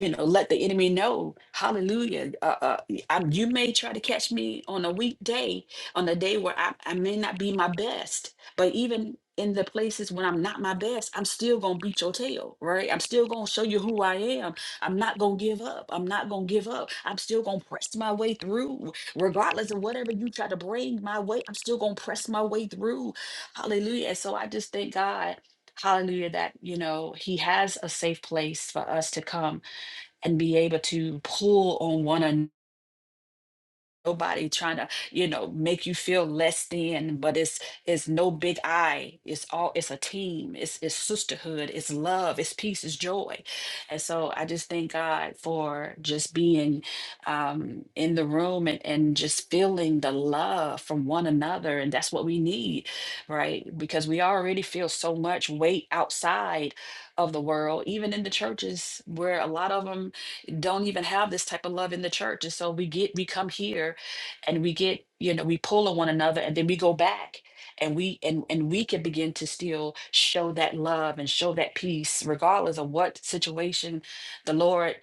you know, let the enemy know, hallelujah. Uh, uh, I, you may try to catch me on a weekday, on a day where I, I may not be my best, but even in the places when I'm not my best, I'm still going to beat your tail, right? I'm still going to show you who I am. I'm not going to give up. I'm not going to give up. I'm still going to press my way through, regardless of whatever you try to bring my way. I'm still going to press my way through. Hallelujah. And so I just thank God. Hallelujah, that you know, He has a safe place for us to come and be able to pull on one another nobody trying to you know make you feel less than but it's it's no big i it's all it's a team it's it's sisterhood it's love it's peace it's joy and so i just thank god for just being um in the room and and just feeling the love from one another and that's what we need right because we already feel so much weight outside of the world even in the churches where a lot of them don't even have this type of love in the church and so we get we come here and we get you know we pull on one another and then we go back and we and and we can begin to still show that love and show that peace regardless of what situation the lord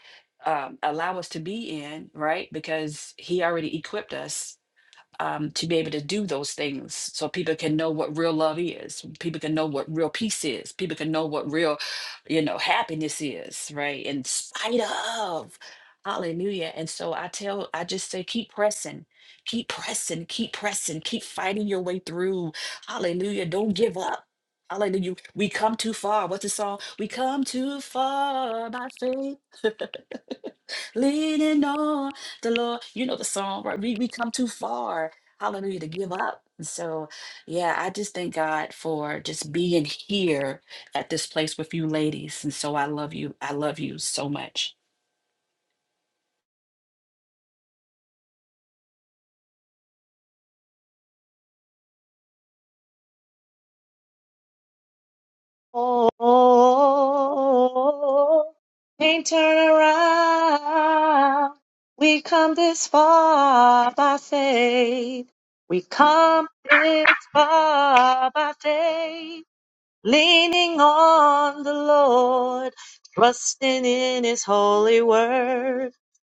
um, allow us to be in right because he already equipped us um, to be able to do those things so people can know what real love is people can know what real peace is people can know what real you know happiness is right in spite of hallelujah and so i tell i just say keep pressing keep pressing keep pressing keep fighting your way through hallelujah don't give up Hallelujah. We come too far. What's the song? We come too far by faith. [LAUGHS] leaning on the Lord. You know the song, right? We we come too far, hallelujah, to give up. And so, yeah, I just thank God for just being here at this place with you ladies. And so I love you. I love you so much. Oh, can't turn around. We come this far by faith. We come this far by faith. leaning on the Lord, trusting in His holy word.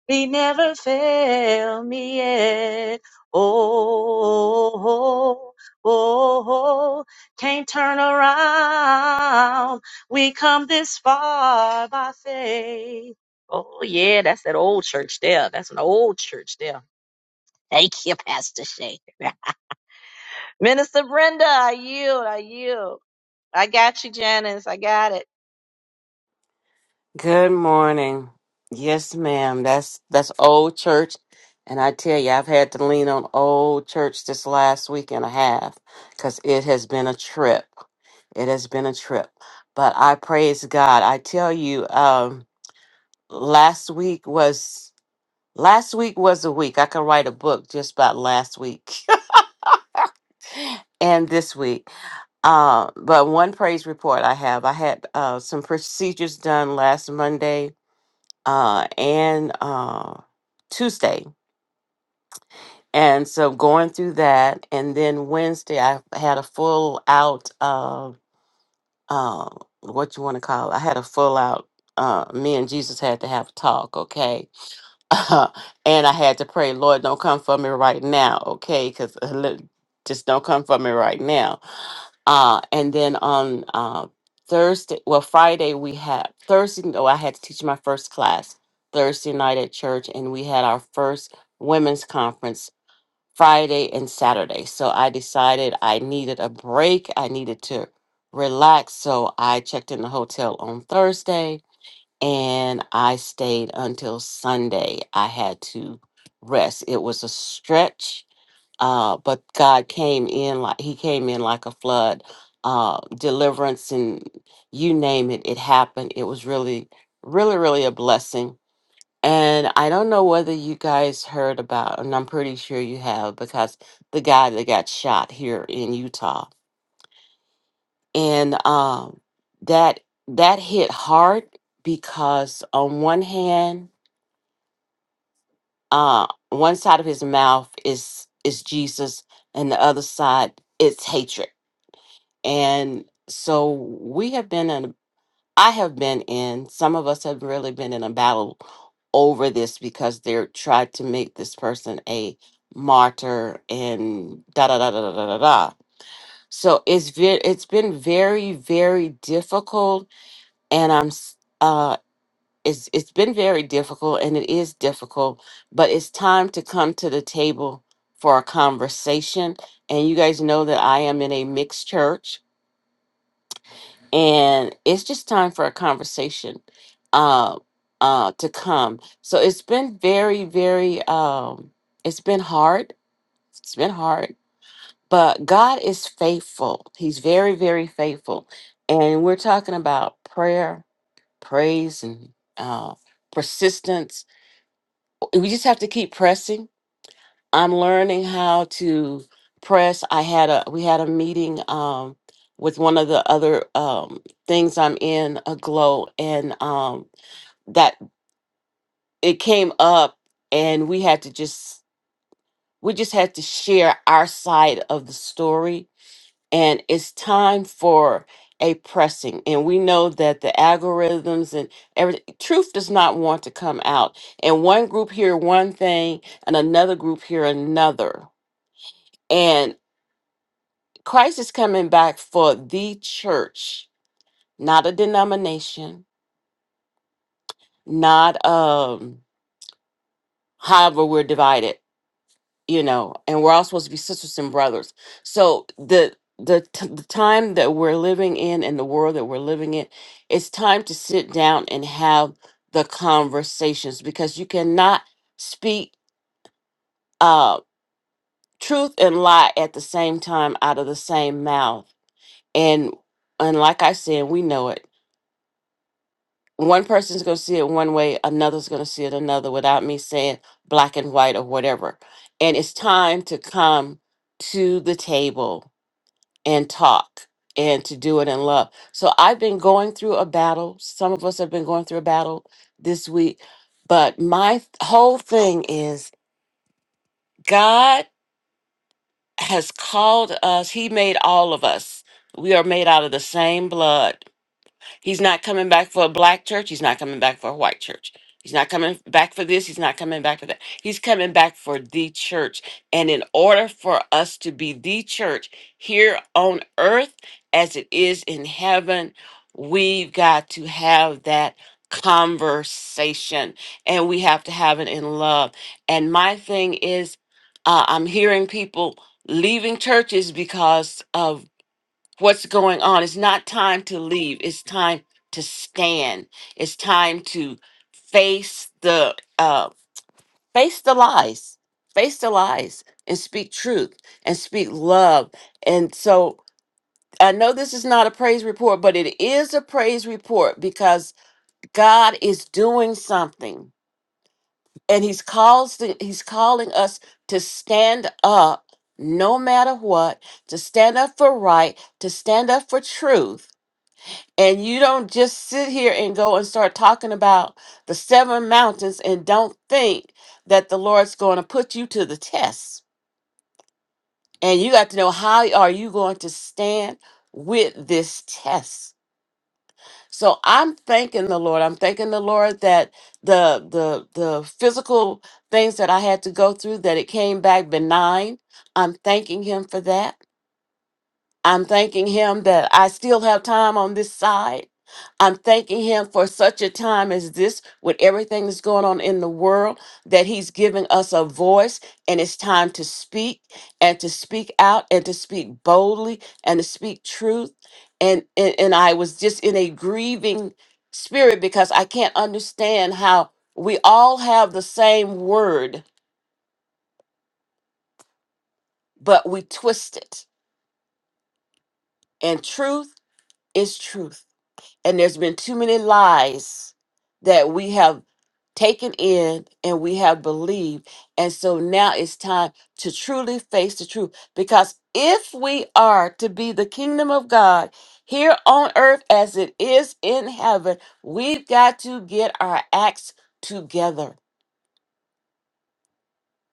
He never failed me yet. Oh, oh, oh, can't turn around. We come this far by faith. Oh, yeah, that's that old church there. That's an old church there. Thank you, Pastor Shay. [LAUGHS] Minister Brenda, I yield, I yield. I got you, Janice. I got it. Good morning. Yes, ma'am. That's that's old church, and I tell you, I've had to lean on old church this last week and a half because it has been a trip. It has been a trip, but I praise God. I tell you, um, last week was last week was a week I could write a book just about last week [LAUGHS] and this week. Uh, but one praise report I have. I had uh, some procedures done last Monday uh, and uh, Tuesday. And so going through that, and then Wednesday I had a full out uh, uh, what you want to call. It? I had a full out. Uh, me and Jesus had to have a talk, okay? [LAUGHS] and I had to pray, Lord, don't come for me right now, okay? Because just don't come for me right now. Uh, and then on uh, Thursday, well, Friday, we had Thursday, oh, I had to teach my first class Thursday night at church, and we had our first women's conference Friday and Saturday. So I decided I needed a break, I needed to relax. So I checked in the hotel on Thursday and I stayed until Sunday. I had to rest. It was a stretch uh, but God came in like He came in like a flood, uh, deliverance, and you name it, it happened. It was really, really, really a blessing. And I don't know whether you guys heard about, and I'm pretty sure you have, because the guy that got shot here in Utah, and um, that that hit hard because on one hand, uh, one side of his mouth is is Jesus, and the other side is hatred And so we have been in, I have been in, some of us have really been in a battle over this because they're tried to make this person a martyr and da da da da da da da. da. So it's ve- it's been very very difficult, and I'm s- uh it's it's been very difficult, and it is difficult, but it's time to come to the table for a conversation. And you guys know that I am in a mixed church, and it's just time for a conversation uh uh to come so it's been very very um it's been hard it's been hard but god is faithful he's very very faithful and we're talking about prayer praise and uh persistence we just have to keep pressing I'm learning how to press. I had a we had a meeting um with one of the other um things I'm in a glow and um that it came up and we had to just we just had to share our side of the story and it's time for a pressing and we know that the algorithms and everything truth does not want to come out and one group hear one thing and another group hear another Christ is coming back for the church, not a denomination, not um however we're divided, you know, and we're all supposed to be sisters and brothers. So the the, t- the time that we're living in and the world that we're living in, it's time to sit down and have the conversations because you cannot speak uh truth and lie at the same time out of the same mouth. And and like I said, we know it one person's going to see it one way, another's going to see it another without me saying black and white or whatever. And it's time to come to the table and talk and to do it in love. So I've been going through a battle. Some of us have been going through a battle this week. But my th- whole thing is God has called us, He made all of us. We are made out of the same blood He's not coming back for a black church. He's not coming back for a white church. He's not coming back for this. He's not coming back for that. He's coming back for the church. And in order for us to be the church here on earth as it is in heaven, we've got to have that conversation and we have to have it in love. And my thing is, uh, I'm hearing people leaving churches because of what's going on. It's not time to leave. It's time to stand. It's time to face the uh face the lies. Face the lies and speak truth and speak love. And so I know this is not a praise report, but it is a praise report because God is doing something. And he's calls he's calling us to stand up no matter what, to stand up for right, to stand up for truth And you don't just sit here and go and start talking about the seven mountains and don't think that the Lord's going to put you to the test. And you got to know how are you going to stand with this test. So I'm thanking the Lord. I'm thanking the Lord that the the the physical things that I had to go through that it came back benign. I'm thanking him for that. I'm thanking him that I still have time on this side. I'm thanking him for such a time as this, with everything that's going on in the world, that he's giving us a voice and it's time to speak and to speak out and to speak boldly and to speak truth. And, and, and I was just in a grieving spirit because I can't understand how we all have the same word, but we twist it. And truth is truth And there's been too many lies that we have taken in and we have believed. And so now it's time to truly face the truth. Because if we are to be the kingdom of God here on earth as it is in heaven, we've got to get our acts together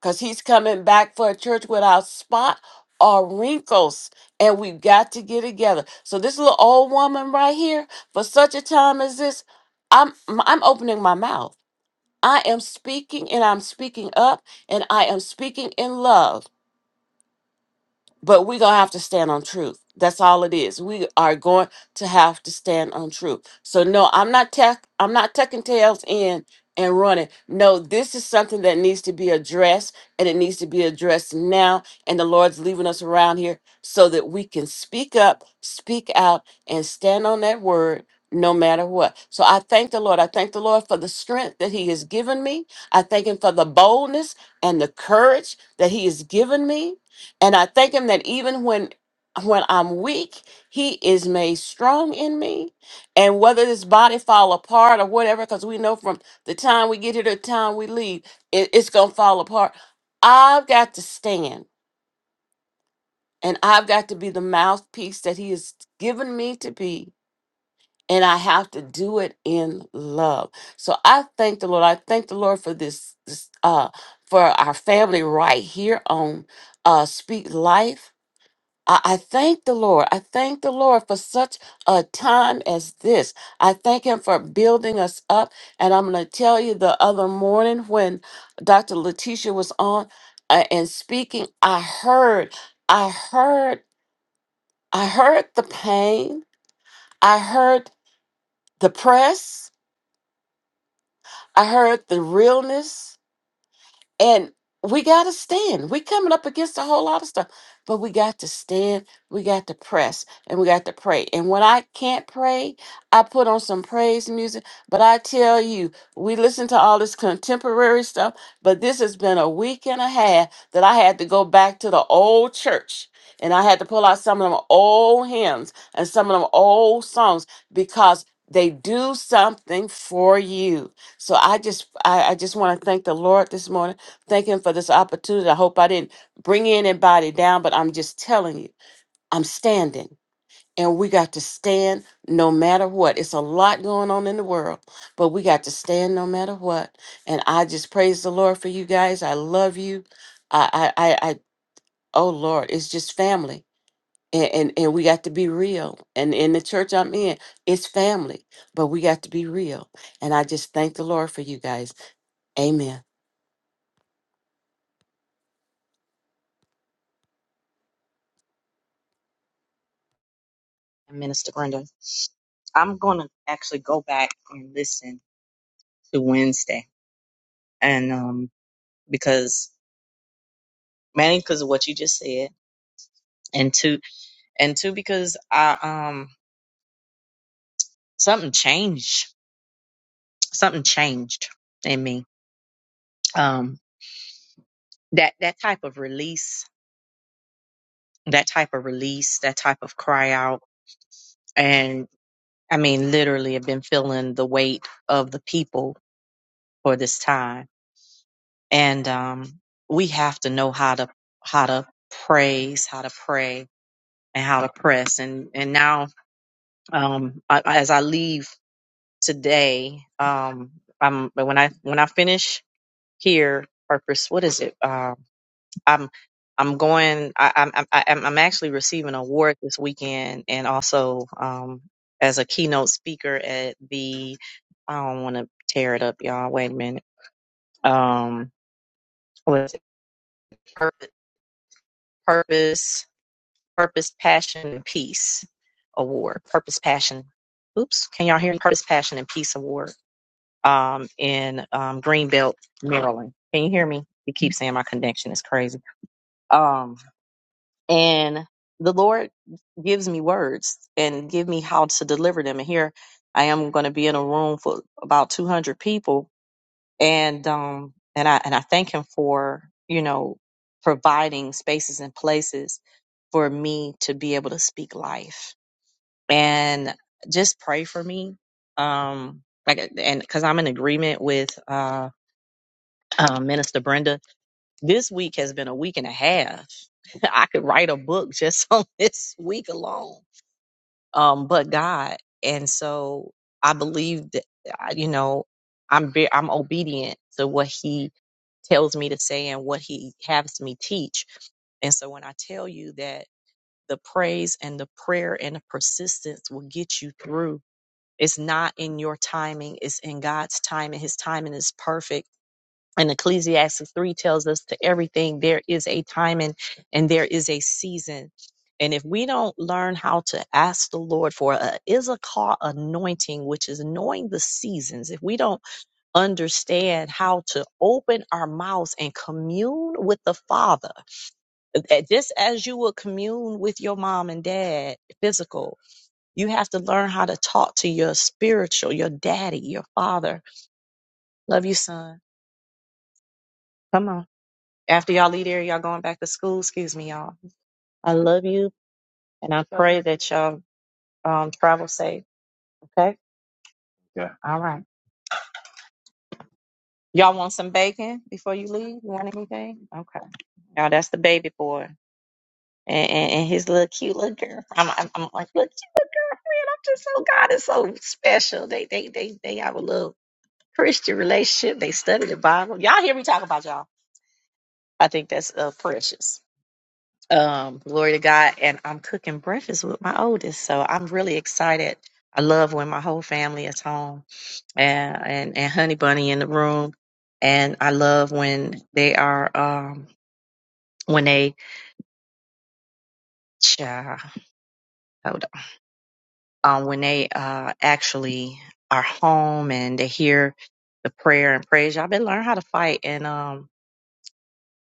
because he's coming back for a church without spot or wrinkles and we've got to get together so this little old woman right here for such a time as this i'm i'm opening my mouth i am speaking and i'm speaking up and i am speaking in love but we're gonna have to stand on truth that's all it is we are going to have to stand on truth so no i'm not tuck i'm not tucking tails in and running no this is something that needs to be addressed and it needs to be addressed now and the lord's leaving us around here so that we can speak up speak out and stand on that word no matter what. So I thank the Lord. I thank the Lord for the strength that He has given me. I thank Him for the boldness and the courage that He has given me. And I thank him that even when when I'm weak, he is made strong in me. And whether this body fall apart or whatever, because we know from the time we get here to the time we leave, it, it's gonna fall apart. I've got to stand and I've got to be the mouthpiece that he has given me to be. And I have to do it in love. So I thank the Lord. I thank the Lord for this, this uh for our family right here on uh Speak Life I, I thank the Lord. I thank the Lord for such a time as this. I thank Him for building us up. And I'm going to tell you the other morning when Dr. Letitia was on uh, and speaking, I heard, I heard, I heard the pain. I heard the press. I heard the realness. And we got to stand. We're coming up against a whole lot of stuff, but we got to stand. We got to press and we got to pray. And when I can't pray, I put on some praise music. But I tell you, we listen to all this contemporary stuff, but this has been a week and a half that I had to go back to the old church. And I had to pull out some of them old hymns and some of them old songs because they do something for you. So I just I, I just want to thank the Lord this morning Thank him for this opportunity. I hope I didn't bring anybody down, but I'm just telling you, I'm standing. And we got to stand no matter what. It's a lot going on in the world, but we got to stand no matter what. And I just praise the Lord for you guys. I love you. I, I, I, I oh Lord, it's just family. And, and, and we got to be real. And in the church I'm in, it's family, but we got to be real. And I just thank the Lord for you guys. Amen. and Minister Brenda. I'm going to actually go back and listen to Wednesday, and um, because mainly because of what you just said, and two, and two because I um something changed, something changed in me. Um, that that type of release, that type of release, that type of cry out, and I mean literally, I've been feeling the weight of the people for this time and um, we have to know how to how to praise, how to pray, and how to press. And and now, um, I, as I leave today, um, I'm when I when I finish here, purpose. What is it? Um, I'm I'm going. I, I'm I'm I'm I'm actually receiving an award this weekend, and also um, as a keynote speaker at the. I don't want to tear it up, y'all. Wait a minute. Um, what is it? Purpose Purpose, Passion, and Peace Award. Purpose, Passion. Oops, can y'all hear me? Purpose, Passion, and Peace Award um, in um, Greenbelt, Maryland. Can you hear me? You keep saying my connection is crazy. Um, and the Lord gives me words and give me how to deliver them. And here I am going to be in a room for about 200 people, and um, and I and I thank Him for you know providing spaces and places for me to be able to speak life and just pray for me. Um, like, uh, and because I'm in agreement with uh, uh, Minister Brenda, this week has been a week and a half. [LAUGHS] I could write a book just [LAUGHS] on this week alone. Um, but God, and so I believe that I- you know I'm be- I'm obedient to what He tells me to say and what He has me teach. And so when I tell you that the praise and the prayer and the persistence will get you through it's not in your timing, it's in God's time, and His timing is perfect. And Ecclesiastes 3 tells us to everything there is a timing and there is a season. And if we don't learn how to ask the Lord for a Issachar anointing, which is knowing the seasons, if we don't understand how to open our mouths and commune with the Father, uh, just as you would commune with your mom and dad, physical, you have to learn how to talk to your spiritual, your daddy, your father. Love you, son. Come on. After y'all leave there, y'all going back to school. Excuse me, y'all. I love you, and I pray that y'all um, travel safe. Okay. Yeah. All right. Y'all want some bacon before you leave? You want anything? Okay. Now that's the baby boy and, and, and his little cute little girl. I'm, I'm, I'm like, look, man, I'm just so God is so special. They they they they have a little Christian relationship. They study the Bible. Y'all hear me talk about y'all. I think that's uh, precious. Um, glory to God. And I'm cooking breakfast with my oldest, so I'm really excited. I love when my whole family is home and, and, and Honey Bunny in the room. And I love when they are, um, when they, cha, hold on, um, when they uh, actually are home and they hear the prayer and praise. Y'all been learn how to fight. And um,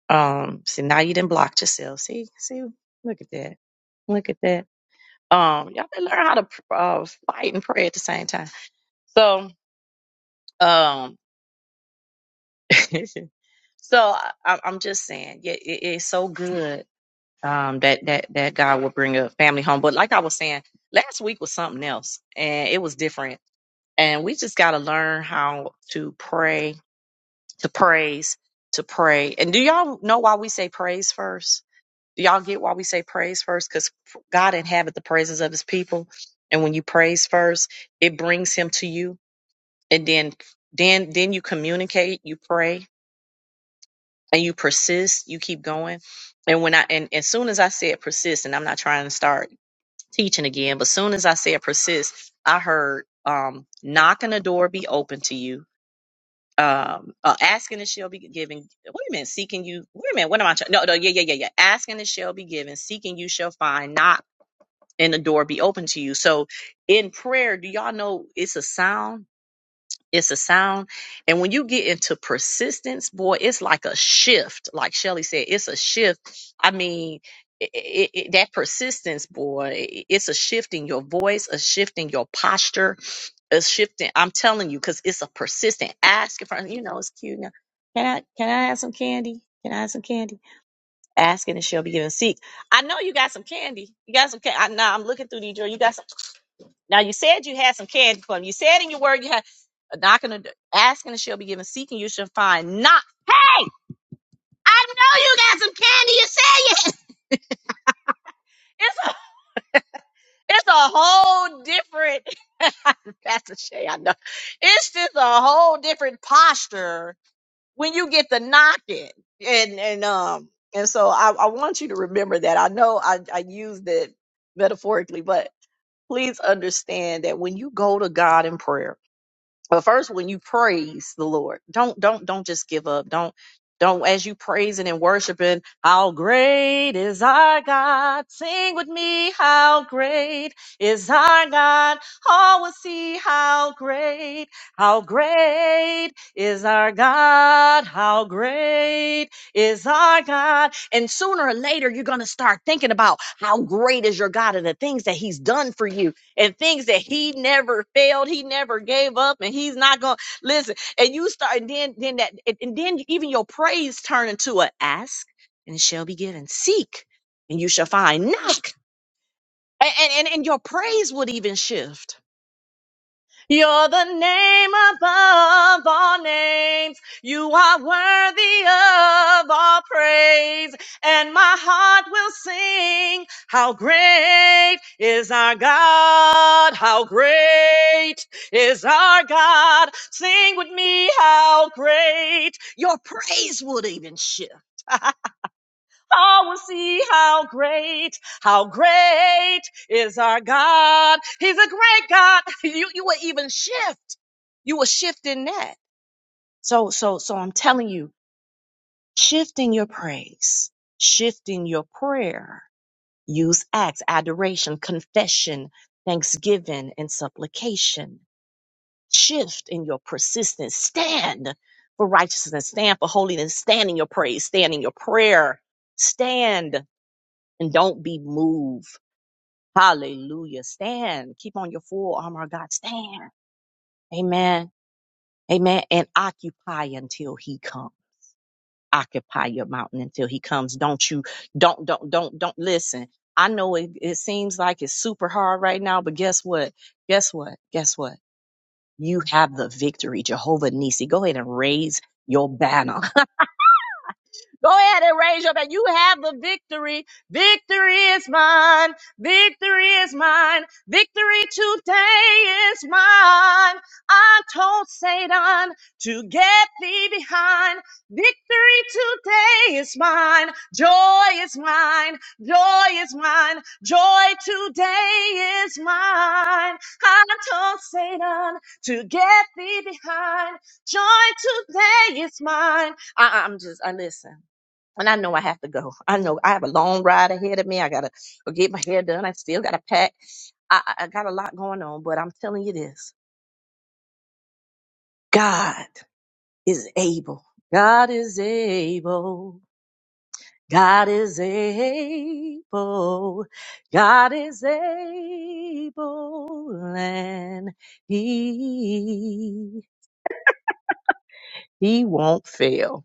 um, see, now you didn't block yourself. See, see, look at that. Look at that Um, y'all better learn how to uh, fight and pray at the same time. So, um, [LAUGHS] so I, I'm just saying, yeah, it, it's so good um, that that that God will bring a family home. But like I was saying, last week was something else, and it was different. And we just got to learn how to pray, to praise, to pray. And do y'all know why we say praise first? Do y'all get why we say praise first? Because God inhabits the praises of his people. And when you praise first, it brings him to you. And then then then you communicate, you pray, and you persist, you keep going. And when I and as soon as I said persist, and I'm not trying to start teaching again, but as soon as I said persist, I heard um knock on the door be open to you. Um uh, asking and shall be given. Wait a minute, seeking you. Wait a minute, what am I trying? No, no, yeah, yeah, yeah, yeah. Asking and shall be given, seeking you shall find, knock and the door be open to you. So in prayer, do y'all know it's a sound? It's a sound. And when you get into persistence, boy, it's like a shift. Like Shelly said, it's a shift. I mean, it, it, it- that persistence, boy, i- it's a shift in your voice, a shift in your posture, a shift in, I'm telling you, because it's a persistent asking for, you know, it's cute now. Can I, can I have some candy? Can I have some candy? Asking and she'll be given. Seek. I know you got some candy. You got some candy. Now I'm looking through these drawers. You got some. Now you said you had some candy for me. You said in your word you had a knocking the asking and she'll be given, seeking you shall find. Not hey, I know you got some candy. You said you [LAUGHS] it's a it's a whole different [LAUGHS] Pastor Shay, I know. It's just a whole different posture when you get the knocking. And and um and so I, I want you to remember that. I know I, I used it metaphorically, but please understand that when you go to God in prayer but first when you praise the lord don't don't don't just give up don't don't as you praising and worshiping how great is our god sing with me how great is our god all will see how great how great is our god how great is our god and sooner or later you're going to start thinking about how great is your god and the things that he's done for you and things that he never failed, he never gave up, and he's not gonna listen. And you start, and then then that, and and then even your praise turn into a ask, and it shall be given. Seek, and you shall find. Knock, and and and your praise would even shift you're the name above all names. You are worthy of all praise. And my heart will sing, How great is our God! How great is our God! Sing with me, How great! Your praise would even shift. [LAUGHS] I will see how great, how great is our God. He's a great God. [LAUGHS] You, you will even shift. You will shift in that. So, so, so I'm telling you, shift in your praise, shift in your prayer. Use acts, adoration, confession, thanksgiving, and supplication. Shift in your persistence. Stand for righteousness. Stand for holiness. Stand in your praise. Stand in your prayer. Stand and don't be moved. Hallelujah. Stand. Keep on your full armor of God. Stand. Amen. Amen. And occupy until he comes. Occupy your mountain until he comes. Don't you, don't, don't, don't, don't listen. I know it, it seems like it's super hard right now, but guess what? Guess what? Guess what? You have the victory. Jehovah Nissi. Go ahead and raise your banner. Go ahead and raise your hand. You have the victory. Victory is mine. Victory is mine. Victory today is mine. I told Satan to get thee behind. Victory today is mine. Joy is mine. Joy is mine. Joy today is mine. I told Satan to get thee behind. Joy today is mine. I, I'm just, I listen and I know I have to go. I know I have a long ride ahead of me. I gotta go get my hair done. I still gotta pack. I, I I got a lot going on, but I'm telling you this: God is able. God is able. God is able. God is able, and He He won't fail.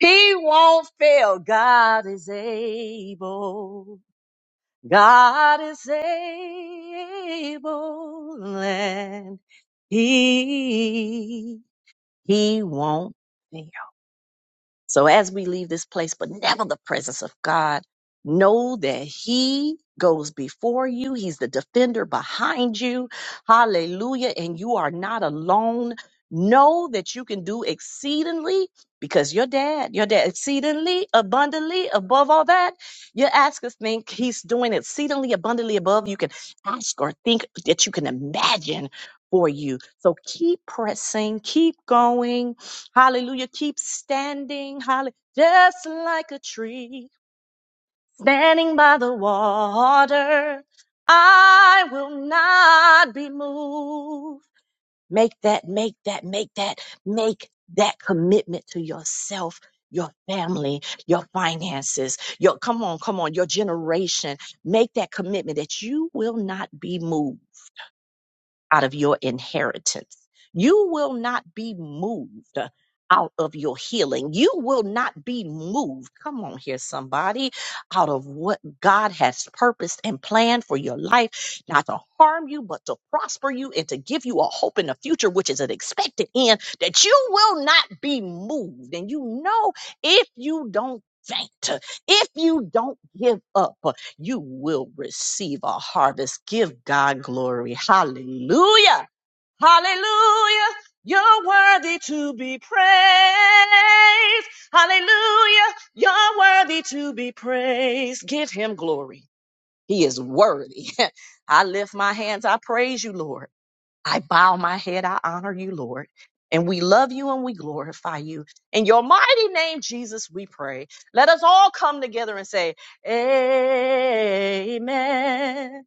He won't fail. God is able. God is able and he, he won't fail. So as we leave this place, but never the presence of God, know that He goes before you. He's the defender behind you. Hallelujah. And you are not alone. Know that you can do exceedingly because your dad, your dad, exceedingly abundantly above all that. You ask us, think he's doing exceedingly abundantly above you can ask or think that you can imagine for you. So keep pressing, keep going Hallelujah. Keep standing. Hallelujah. Just like a tree standing by the water. I will not be moved. Make that, make that, make that, make that commitment to yourself, your family, your finances, your, come on, come on, your generation. Make that commitment that you will not be moved out of your inheritance. You will not be moved out of your healing. You will not be moved. Come on here, somebody, out of what God has purposed and planned for your life, not to harm you, but to prosper you and to give you a hope in the future, which is an expected end that you will not be moved. And you know, if you don't faint, if you don't give up you will receive a harvest. Give God glory. Hallelujah. Hallelujah. You're worthy to be praised. Hallelujah. You're worthy to be praised. Give him glory. He is worthy. [LAUGHS] I lift my hands. I praise you, Lord. I bow my head. I honor you, Lord. And we love you and we glorify you. In your mighty name, Jesus, we pray. Let us all come together and say, Amen.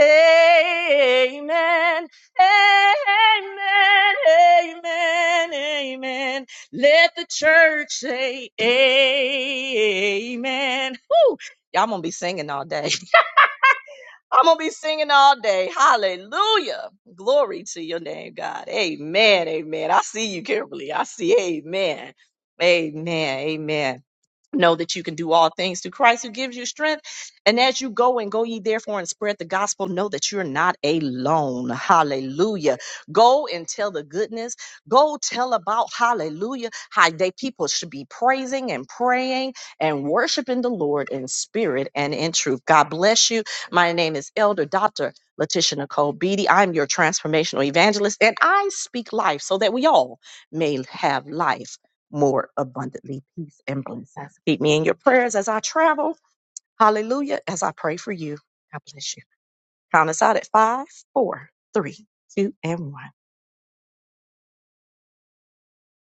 Amen. Amen. Amen. Amen. Let the church say, Amen. Woo! Y'all gonna be singing all day. I'm gonna be singing all day. Hallelujah. Glory to your name, God. Amen. Amen. I see you, Kimberly. I see. Amen. Amen. Amen know that you can do all things through Christ who gives you strength. And as you go and go ye therefore and spread the gospel, know that you're not alone. Hallelujah. Go and tell the goodness. Go tell about hallelujah how they people should be praising and praying and worshiping the Lord in spirit and in truth. God bless you. My name is Elder Dr. Letitia Nicole Beatty. I'm your transformational evangelist and I speak life so that we all may have life more abundantly peace and blessings. Keep me in your prayers as I travel. Hallelujah. As I pray for you. God bless you. Count us out at five, four, three, two, and one.